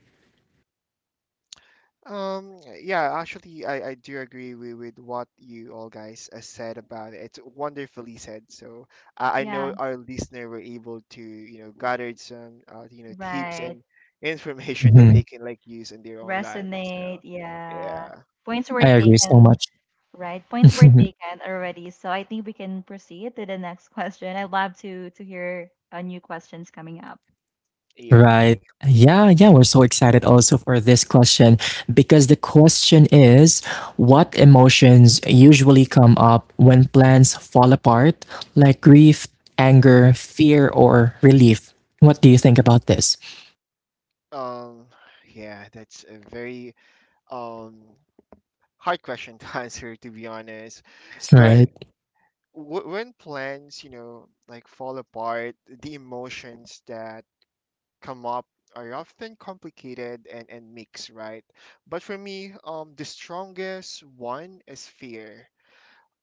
[SPEAKER 2] Um, yeah, actually, I, I do agree with, with what you all guys uh, said about it. It's wonderfully said. So I I
[SPEAKER 3] Yeah,
[SPEAKER 2] know our listener were able to, you know, gather some, uh, you know, tips
[SPEAKER 3] right.
[SPEAKER 2] and information that
[SPEAKER 1] Mhm.
[SPEAKER 2] they can like use in their own life.
[SPEAKER 3] Resonate.
[SPEAKER 2] So
[SPEAKER 3] Yeah.
[SPEAKER 2] yeah.
[SPEAKER 3] Points were
[SPEAKER 1] I agree so
[SPEAKER 3] taken,
[SPEAKER 1] much.
[SPEAKER 3] right? Points were taken already. So I think we can proceed to the next question. I'd love to to hear uh, new questions coming up.
[SPEAKER 2] Yep.
[SPEAKER 1] Right. Yeah, yeah, we're so excited also for this question because the question is, what emotions usually come up when plans fall apart, like grief, anger, fear, or relief? What do you think about this?
[SPEAKER 2] Um, yeah, that's a very um, hard question to answer, to be honest. But
[SPEAKER 1] Right,
[SPEAKER 2] w- when plans, you know, like fall apart, the emotions that come up are often complicated and, and mixed, right? But for me, um, the strongest one is fear.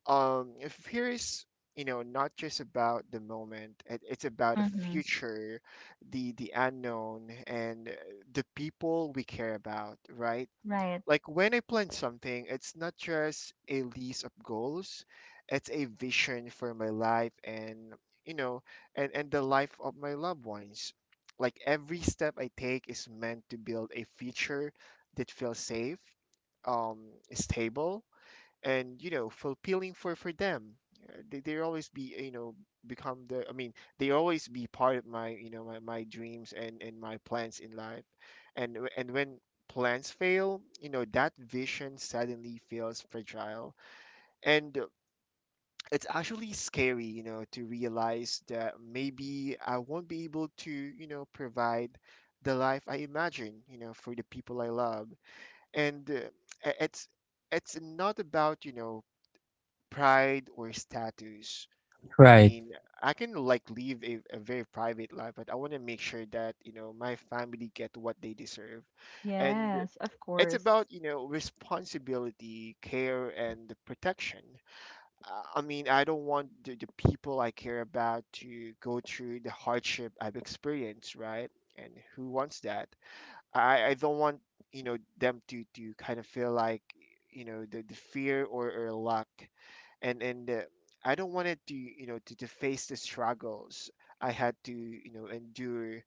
[SPEAKER 2] Um, fear is, you know, not just about the moment, it, it's about the
[SPEAKER 3] Mm-hmm.
[SPEAKER 2] future, the the unknown, and uh, the people we care about, right?
[SPEAKER 3] Right.
[SPEAKER 2] Like when I plan something, it's not just a list of goals, it's a vision for my life and, you know, and, and the life of my loved ones. Like every step I take is meant to build a future that feels safe, um, stable, and, you know, fulfilling for for them. Uh, they, they always be, uh, you know become the I mean they always be part of my, you know, my, my dreams and and my plans in life. And w- and when plans fail, you know, that vision suddenly feels fragile. And uh, it's actually scary, you know, to realize that maybe I won't be able to, you know, provide the life I imagine, you know, for the people I love. And uh, it's it's not about, you know, pride or status. I
[SPEAKER 1] right.
[SPEAKER 2] mean, I can like live a, a very private life, but I want to make sure that, you know, my family get what they deserve. And
[SPEAKER 3] Yes, of
[SPEAKER 2] it's about,
[SPEAKER 3] course.
[SPEAKER 2] you know, responsibility, care, and protection. Uh, I mean, I don't want the, the people I care about to go through the hardship I've experienced, right? And who wants that? I, I don't want, you know, them to, to kind of feel like, you know, the, the fear or, or lack, and and uh, I don't want it to, you know, to, to face the struggles I had to, you know, endure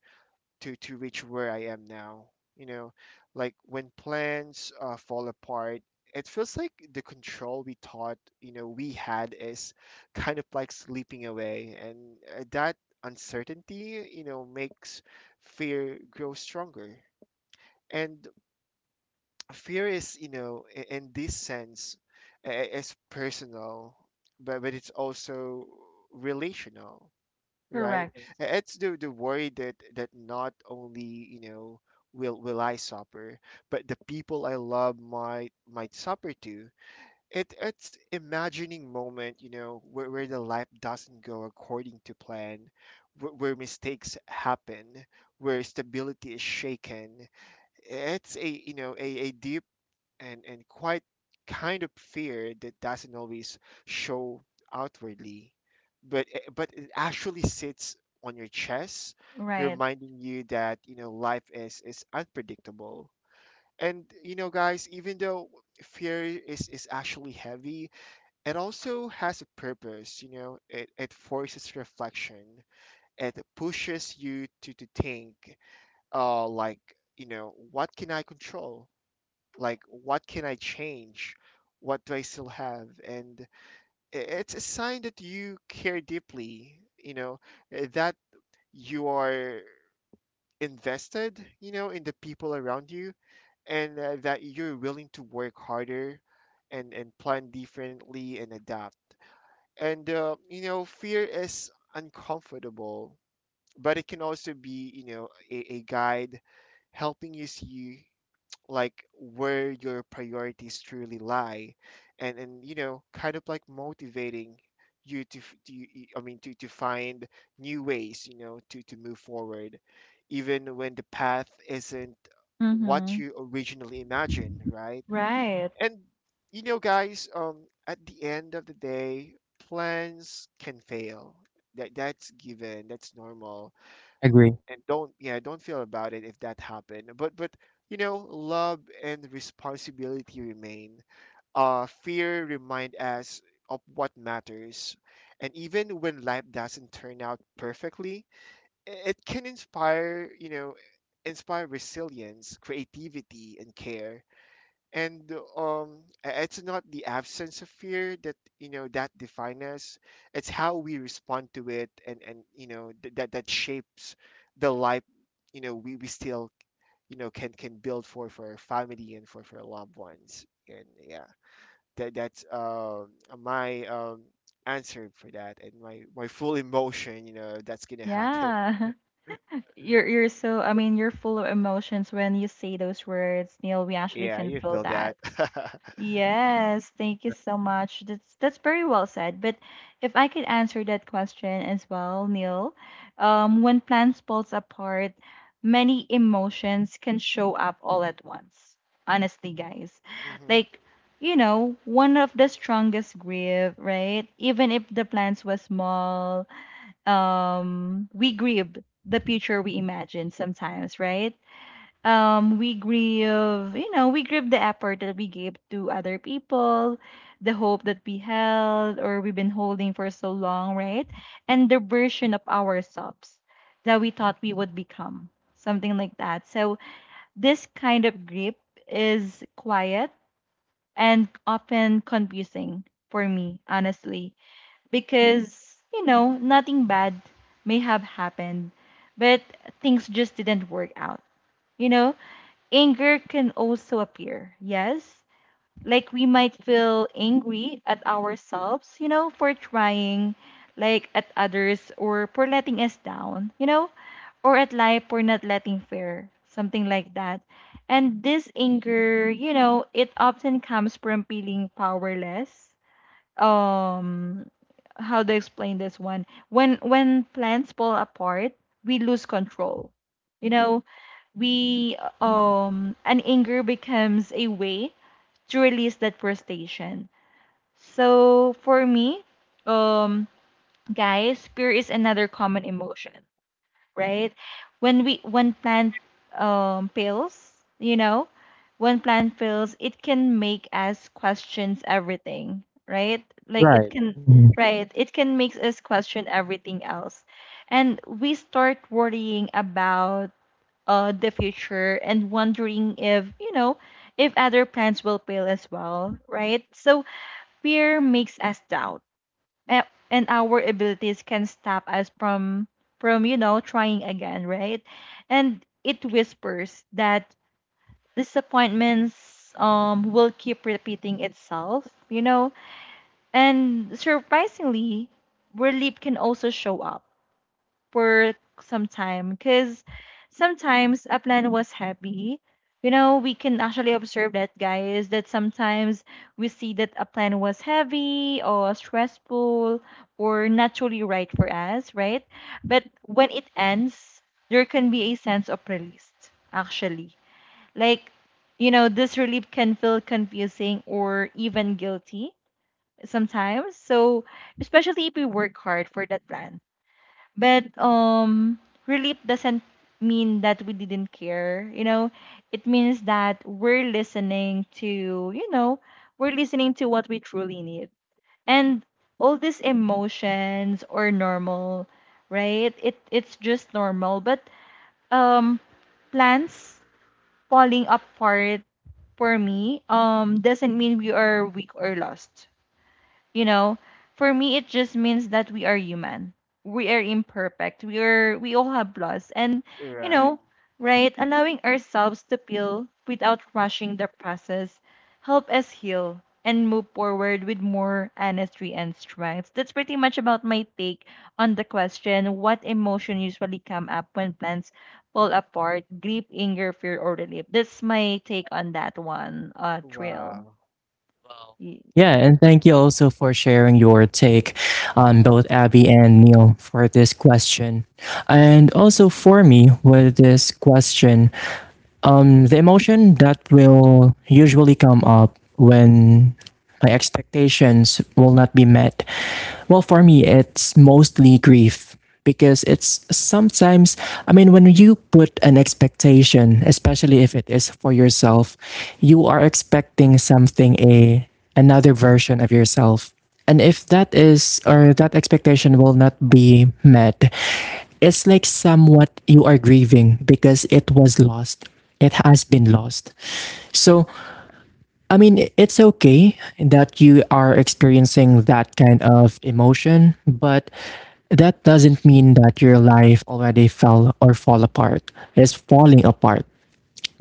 [SPEAKER 2] to to reach where I am now. You know, like when plans uh, fall apart, it feels like the control we thought, you know, we had is kind of like sleeping away, and uh, that uncertainty, you know, makes fear grow stronger. And fear is, you know, i- in this sense, i- i- is personal, but but it's also relational, right?
[SPEAKER 3] Correct.
[SPEAKER 2] I- it's the the worry that that not only, you know, will will I suffer, but the people I love might might suffer too. It, it's imagining moment, you know, where, where the life doesn't go according to plan, where, where mistakes happen, where stability is shaken. It's, a you know, a, a deep and and quite kind of fear that doesn't always show outwardly, but i- but it actually sits on your chest,
[SPEAKER 3] Right.
[SPEAKER 2] reminding you that, you know, life is is unpredictable. And you know, guys, even though fear is is actually heavy, it also has a purpose. You know, it it forces reflection. It pushes you to to think, uh, like, you know, what can I control? Like what can I change? What do I still have? And i- it's a sign that you care deeply, you know eh, that you are invested you know in the people around you, and uh, that you're willing to work harder, and and plan differently, and adapt. And uh, you know fear is uncomfortable, but it can also be, you know a, a guide, helping you see like where your priorities truly lie. And and you know kind of like motivating you to, f- to you- i mean to, to find new ways, you know to to move forward, even when the path isn't
[SPEAKER 3] Mm.
[SPEAKER 2] what
[SPEAKER 3] Mhm.
[SPEAKER 2] you originally imagined, right?
[SPEAKER 3] Right.
[SPEAKER 2] And you know guys, um at the end of the day, plans can fail. That that's given, that's normal.
[SPEAKER 1] Agree.
[SPEAKER 2] And don't, yeah, don't feel about it if that happened, but but you know love and responsibility remain. Uh fear remind us of what matters. And even when life doesn't turn out perfectly, i- it can inspire, you know inspire resilience, creativity, and care. And um i- it's not the absence of fear that, you know that define us. It's how we respond to it, and and you know th- that that shapes the life you know we, we still you know can can build for for our family and for for our loved ones. And yeah, that that's um my um answer for that, and my my full emotion, you know that's gonna happen.
[SPEAKER 3] Yeah. You're you're so, I mean, you're full of emotions when you say those words, Neil. We actually
[SPEAKER 2] Yeah,
[SPEAKER 3] can
[SPEAKER 2] you
[SPEAKER 3] feel
[SPEAKER 2] feel
[SPEAKER 3] that.
[SPEAKER 2] that.
[SPEAKER 3] Yes, thank you so much. That's that's very well said. But if I could answer that question as well, Neil, um, when plans falls apart, many emotions can show up all at once. Honestly, guys.
[SPEAKER 2] Hmm.
[SPEAKER 3] Like, you know, one of the strongest grief, right? Even if the plans was small, um we grieve the future we imagine sometimes, right? Um we grieve you know we grieve the effort that we gave to other people, the hope that we held or we've been holding for so long, right? And the version of ourselves that we thought we would become, something like that. So this kind of grief is quiet and often confusing for me, honestly, because you know nothing bad may have happened, but things just didn't work out, you know. Anger can also appear, yes. Like we might feel angry at ourselves, you know for trying, like at others or for letting us down, you know, or at life for not letting fair something like that. And this anger, you know it often comes from feeling powerless. um how to explain this one? When when plants fall apart, we lose control, you know. We um and anger becomes a way to release that frustration. So for me, um guys, fear is another common emotion, right? When we when plant um, fails, you know, when plant fails, it can make us questions everything, right? Like it
[SPEAKER 1] Right.
[SPEAKER 3] can,
[SPEAKER 1] Mhm.
[SPEAKER 3] right? It can make us question everything else, and we start worrying about uh the future and wondering if, you know if other plants will fail as well, right? So fear makes us doubt, a- and our abilities can stop us from from you know trying again, right? And it whispers that disappointments
[SPEAKER 2] Hmm.
[SPEAKER 3] um will keep repeating itself, you know. And surprisingly, relief can also show up for some time, because sometimes a plan was happy. You know, we can actually observe that, guys, that sometimes we see that a plan was heavy or stressful or not truly right for us, right? But when it ends, there can be a sense of release, actually. Like, you know, this relief can feel confusing or even guilty sometimes. So, especially if we work hard for that plan, but um, relief doesn't mean that we didn't care. You know, it means that we're listening to, you know, we're listening to what we truly need. And all these emotions are normal, right? It it's just normal. But um, plans falling apart, for me, um doesn't mean we are weak or lost. You know, for me, it just means that we are human. We are imperfect. We are we all have flaws and, you
[SPEAKER 2] Right.
[SPEAKER 3] know, right, allowing ourselves to feel without rushing the process help us heal and move forward with more honesty and strength. That's pretty much about my take on the question, what emotion usually come up when plans fall apart, grief, anger, fear, or relief. That's my take on that one, uh, Trill.
[SPEAKER 2] Wow.
[SPEAKER 1] Wow. Yeah, and thank you also for sharing your take on both Abby and Neil for this question. And also for me with this question, Um, the emotion that will usually come up when my expectations will not be met. Well, for me, it's mostly grief because it's sometimes, I mean, when you put an expectation, especially if it is for yourself, you are expecting something, a another version of yourself. And if that is, or that expectation will not be met, it's like somewhat you are grieving because it was lost. It has been lost. So, I mean, it's okay that you are experiencing that kind of emotion, but that doesn't mean that your life already fell or fall apart. It's falling apart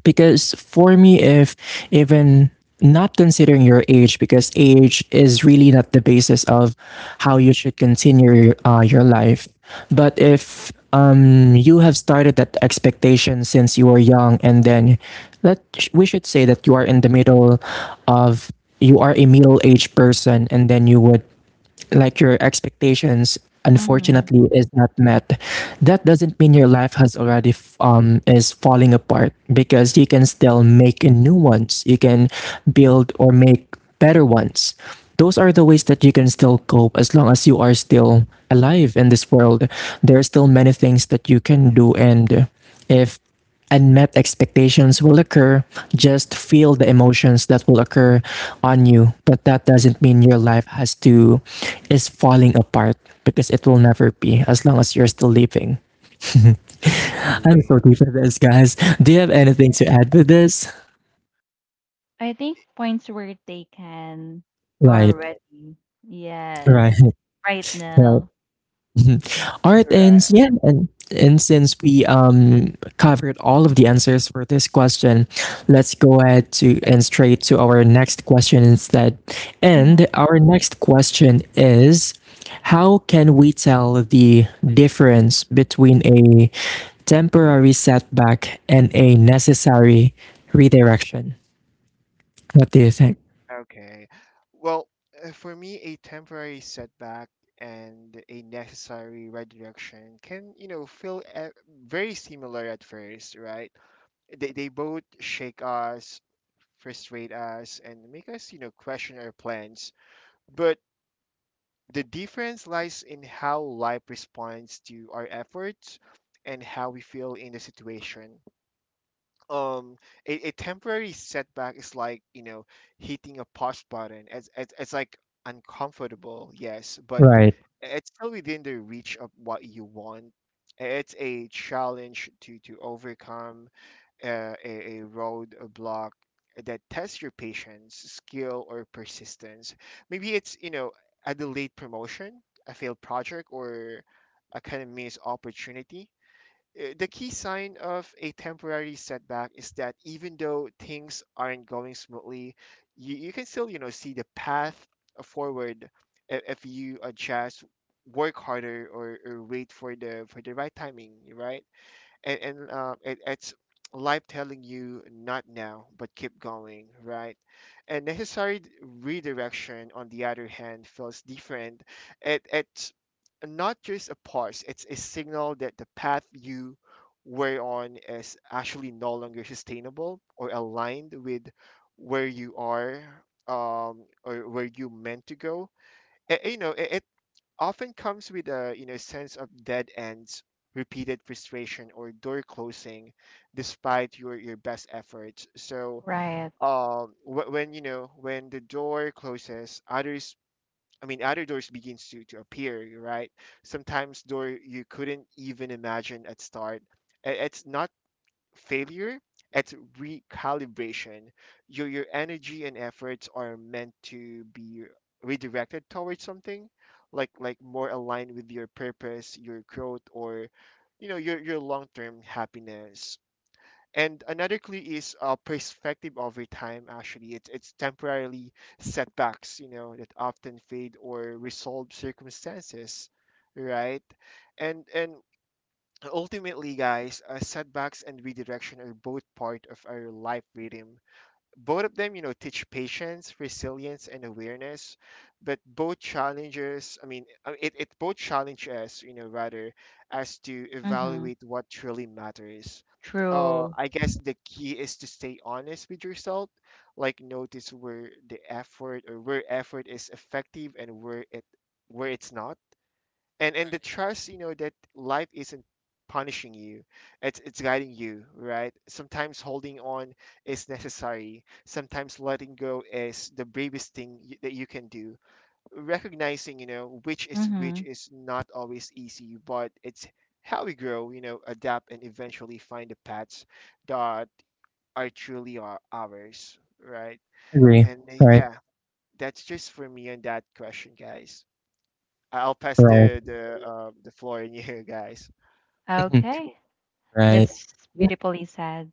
[SPEAKER 1] because for me, if even not considering your age, because age is really not the basis of how you should continue uh, your life, but if um, you have started that expectation since you were young and then, let we should say that you are in the middle of, you are a middle-aged person, and then you would like your expectations unfortunately
[SPEAKER 3] Mm-hmm.
[SPEAKER 1] is not met, that doesn't mean your life has already f- um is falling apart, because you can still make a new ones. You can build or make better ones. Those are the ways that you can still cope as long as you are still alive in this world. There are still many things that you can do. And if unmet expectations will occur, just feel the emotions that will occur on you, but that doesn't mean your life has to, is falling apart, because it will never be as long as you're still living. I'm so
[SPEAKER 2] Agree.
[SPEAKER 1] deep for this, guys. Do you have anything to add with this?
[SPEAKER 3] I think points were taken
[SPEAKER 1] Right.
[SPEAKER 3] already. Yes.
[SPEAKER 1] Right.
[SPEAKER 3] Right
[SPEAKER 1] Right.
[SPEAKER 3] now.
[SPEAKER 1] Mhm. All right, and
[SPEAKER 2] Right.
[SPEAKER 1] s- yeah, and, and since we um covered all of the answers for this question, let's go ahead to and straight to our next question instead.
[SPEAKER 3] Hmm.
[SPEAKER 1] And our next question is, how can we tell the difference between a temporary setback and a necessary redirection? What do you think?
[SPEAKER 2] Okay. Well, uh, for me, a temporary setback and a necessary redirection can, you know, feel uh, very similar at first, right? They, they both shake us, frustrate us, and make us, you know, question our plans. But the difference lies in how life responds to our efforts and how we feel in the situation. um a, a temporary setback is like, you know hitting a pause button. It's, it's, it's like uncomfortable, yes, but
[SPEAKER 1] Right.
[SPEAKER 2] it's still within the reach of what you want. It's a challenge to to overcome, uh, a, a roadblock that tests your patience, skill, or persistence. Maybe it's, you know a delayed promotion, a failed project, or a kind of missed opportunity. Uh, the key sign of a temporary setback is that, even though things aren't going smoothly, you, you can still, you know, see the path forward i- if you adjust, work harder, or, or wait for the for the right timing, right? and, and uh, it, it's life telling you not now but keep going, right? And necessary d- redirection, on the other hand, feels different. It, it's not just a pause, it's a signal that the path you were on is actually no longer sustainable or aligned with where you are, um, or where you meant to go. Eh, you know it often comes with, a you know sense of dead ends, repeated frustration, or door closing, despite your your best efforts. So
[SPEAKER 3] Right.
[SPEAKER 2] um, wh- when you know when the door closes, others. I mean, other doors begins to, to appear, right? Sometimes door you couldn't even imagine at start. I- It's not failure, it's recalibration. Your your energy and efforts are meant to be redirected towards something like like more aligned with your purpose, your growth, or, you know your your long term happiness. And another clue is, uh, perspective over time. Actually, it's it's temporarily setbacks, you know, that often fade or resolve circumstances, right? And and ultimately, guys, uh, setbacks and redirection are both part of our life rhythm. Both of them, you know, teach patience, resilience, and awareness. But both challenges, I mean, I- it, it both challenge us, you know, rather, as to
[SPEAKER 3] Hmm.
[SPEAKER 2] evaluate what truly matters. Uh,
[SPEAKER 3] True.
[SPEAKER 2] I guess the key is to stay honest with yourself, like notice where the effort or where effort is effective and where it where it's not, and and the trust, you know that life isn't punishing you, it's it's guiding you, right? Sometimes holding on is necessary, sometimes letting go is the bravest thing y- that you can do. Recognizing, you know which is which
[SPEAKER 3] Hmm.
[SPEAKER 2] is not always easy, but it's how we grow, you know adapt, and eventually find the paths that are truly are ours, right?
[SPEAKER 1] Agree.
[SPEAKER 2] And uh,
[SPEAKER 1] Right.
[SPEAKER 2] yeah, that's just for me on that question, guys. I'll pass
[SPEAKER 1] Right.
[SPEAKER 2] the the um the floor in here, guys.
[SPEAKER 1] Mhm.
[SPEAKER 3] Okay.
[SPEAKER 1] Right.
[SPEAKER 3] That's beautifully said.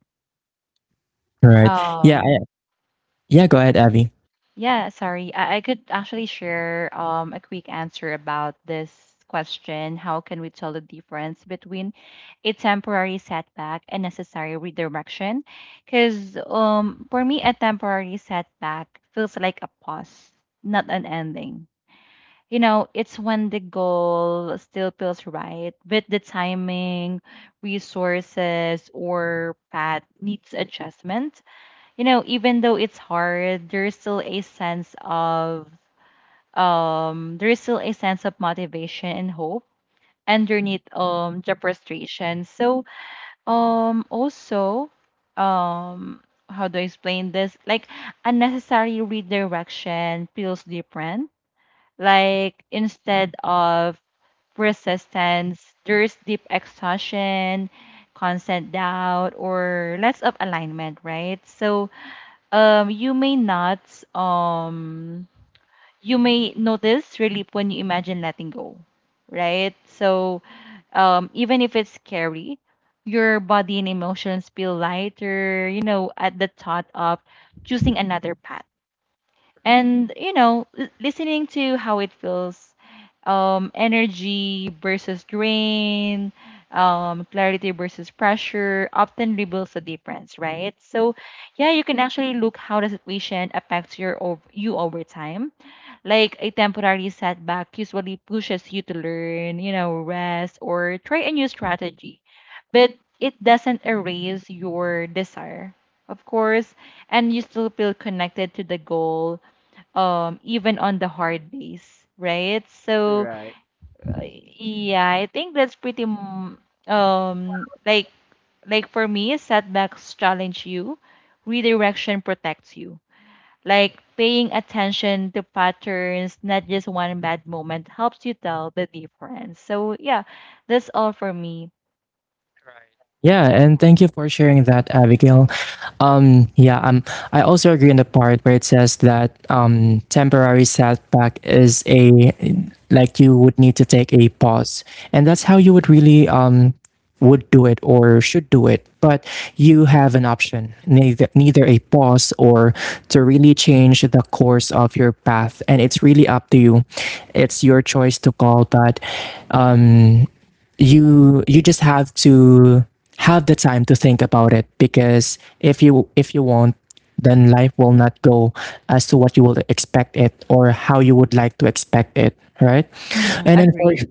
[SPEAKER 1] Right. Yeah. I,
[SPEAKER 3] Um,
[SPEAKER 1] yeah. Go ahead, Abby.
[SPEAKER 3] Yeah, sorry. I, I could actually share um, a quick answer about this question. How can we tell the difference between a temporary setback and necessary redirection? Because um, for me, a temporary setback feels like a pause, not an ending. You know, it's when the goal still feels right, but the timing, resources, or path needs adjustment. You know, even though it's hard, there is still a sense of um there is still a sense of motivation and hope underneath um the frustration. So um also, um how do I explain this? Like unnecessary redirection feels different. Like instead of resistance, there's deep exhaustion, constant doubt, or less of alignment, right? So um, you may not, um, you may notice relief when you imagine letting go, right? So, um, even if it's scary, your body and emotions feel lighter, you know, at the thought of choosing another path. And you know l- listening to how it feels, um energy versus drain, um clarity versus pressure, often reveals the difference, right? So yeah, you can actually look how the situation affects your ov- you over time. Like a temporary setback usually pushes you to learn, you know rest or try a new strategy, but it doesn't erase your desire, of course, and you still feel connected to the goal, um even on the hard days, right? So
[SPEAKER 2] Right.
[SPEAKER 3] uh, yeah, I think that's pretty m- um like like for me, setbacks challenge you, redirection protects you. Like paying attention to patterns, not just one bad moment, helps you tell the difference. So yeah, that's all for me.
[SPEAKER 1] Right. Yeah, and thank you for sharing that, Abigail. Um, yeah, um, I also agree in the part where it says that um, temporary setback is a, like, you would need to take a pause, and that's how you would really um would do it or should do it. But you have an option, neither neither a pause or to really change the course of your path, and it's really up to you. It's your choice to call, but um you you just have to have the time to think about it, because if you if you won't, then life will not go as to what you will expect it or how you would like to expect it, right?
[SPEAKER 3] Mm-hmm.
[SPEAKER 1] And then for
[SPEAKER 3] Agree.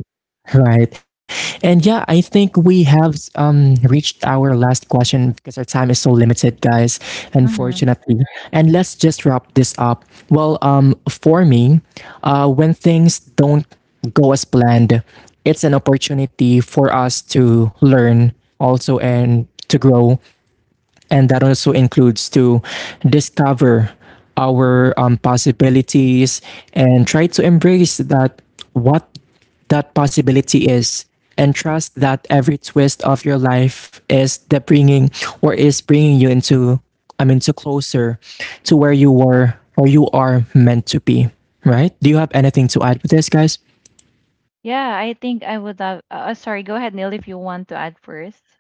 [SPEAKER 1] right. And yeah, I think we have um, reached our last question because our time is so limited, guys,
[SPEAKER 3] Mm-hmm.
[SPEAKER 1] unfortunately. And let's just wrap this up. Well, um, for me, uh, when things don't go as planned, it's an opportunity for us to learn also and to grow, and that also includes to discover our um, possibilities and try to embrace that what that possibility is, and trust that every twist of your life is the bringing, or is bringing you into, i mean to closer to where you were or you are meant to be, right? Do you have anything to add with this, guys?
[SPEAKER 3] Yeah, I think I would have uh, sorry, go ahead, Neil, if you want to add first.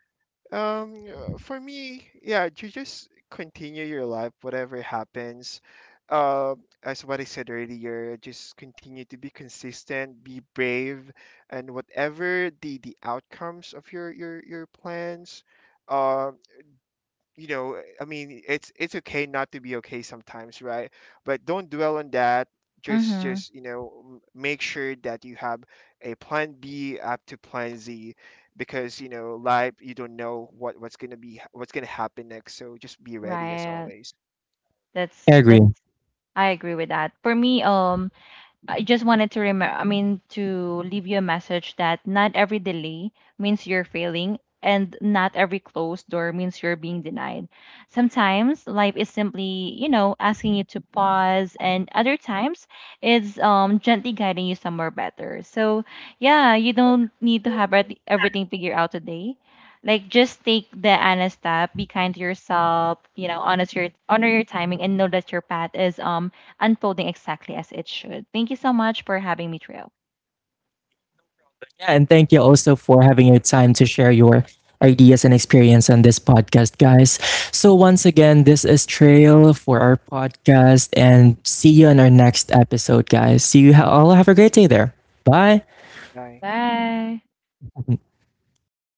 [SPEAKER 2] Um, uh, for me, yeah, you just continue your life, whatever happens. Uh, as what I said earlier, just continue to be consistent, be brave, and whatever the the outcomes of your your your plans. Um, you know, eh, I mean, it's it's okay not to be okay sometimes, right? But don't dwell on that. just
[SPEAKER 3] Mm-hmm.
[SPEAKER 2] just you know m- make sure that you have a plan b up to plan z, because, you know life, you don't know what what's gonna be, what's gonna happen next, so just be ready, as
[SPEAKER 3] Right.
[SPEAKER 2] always.
[SPEAKER 1] I
[SPEAKER 3] that's
[SPEAKER 1] agree.
[SPEAKER 3] that's I agree with that. For me, um, I just wanted to remember, I mean, to leave you a message that not every delay means you're failing, and not every closed door means you're being denied. Sometimes life is simply, you know, asking you to pause, and other times it's um gently guiding you somewhere better. So yeah, you don't need to have everyth- everything figured out today. Like just take the honest step, be kind to yourself, you know, honest your honor your timing, and know that your path is um unfolding exactly as it should. Thank you so much for having me, Trill.
[SPEAKER 1] Yeah, and thank you also for having your time to share your ideas and experience on this podcast, guys. So, once again, this is Trail for our podcast, and see you on our next episode, guys. See you ha- all. Have a great day there. Bye.
[SPEAKER 2] Bye.
[SPEAKER 3] Bye.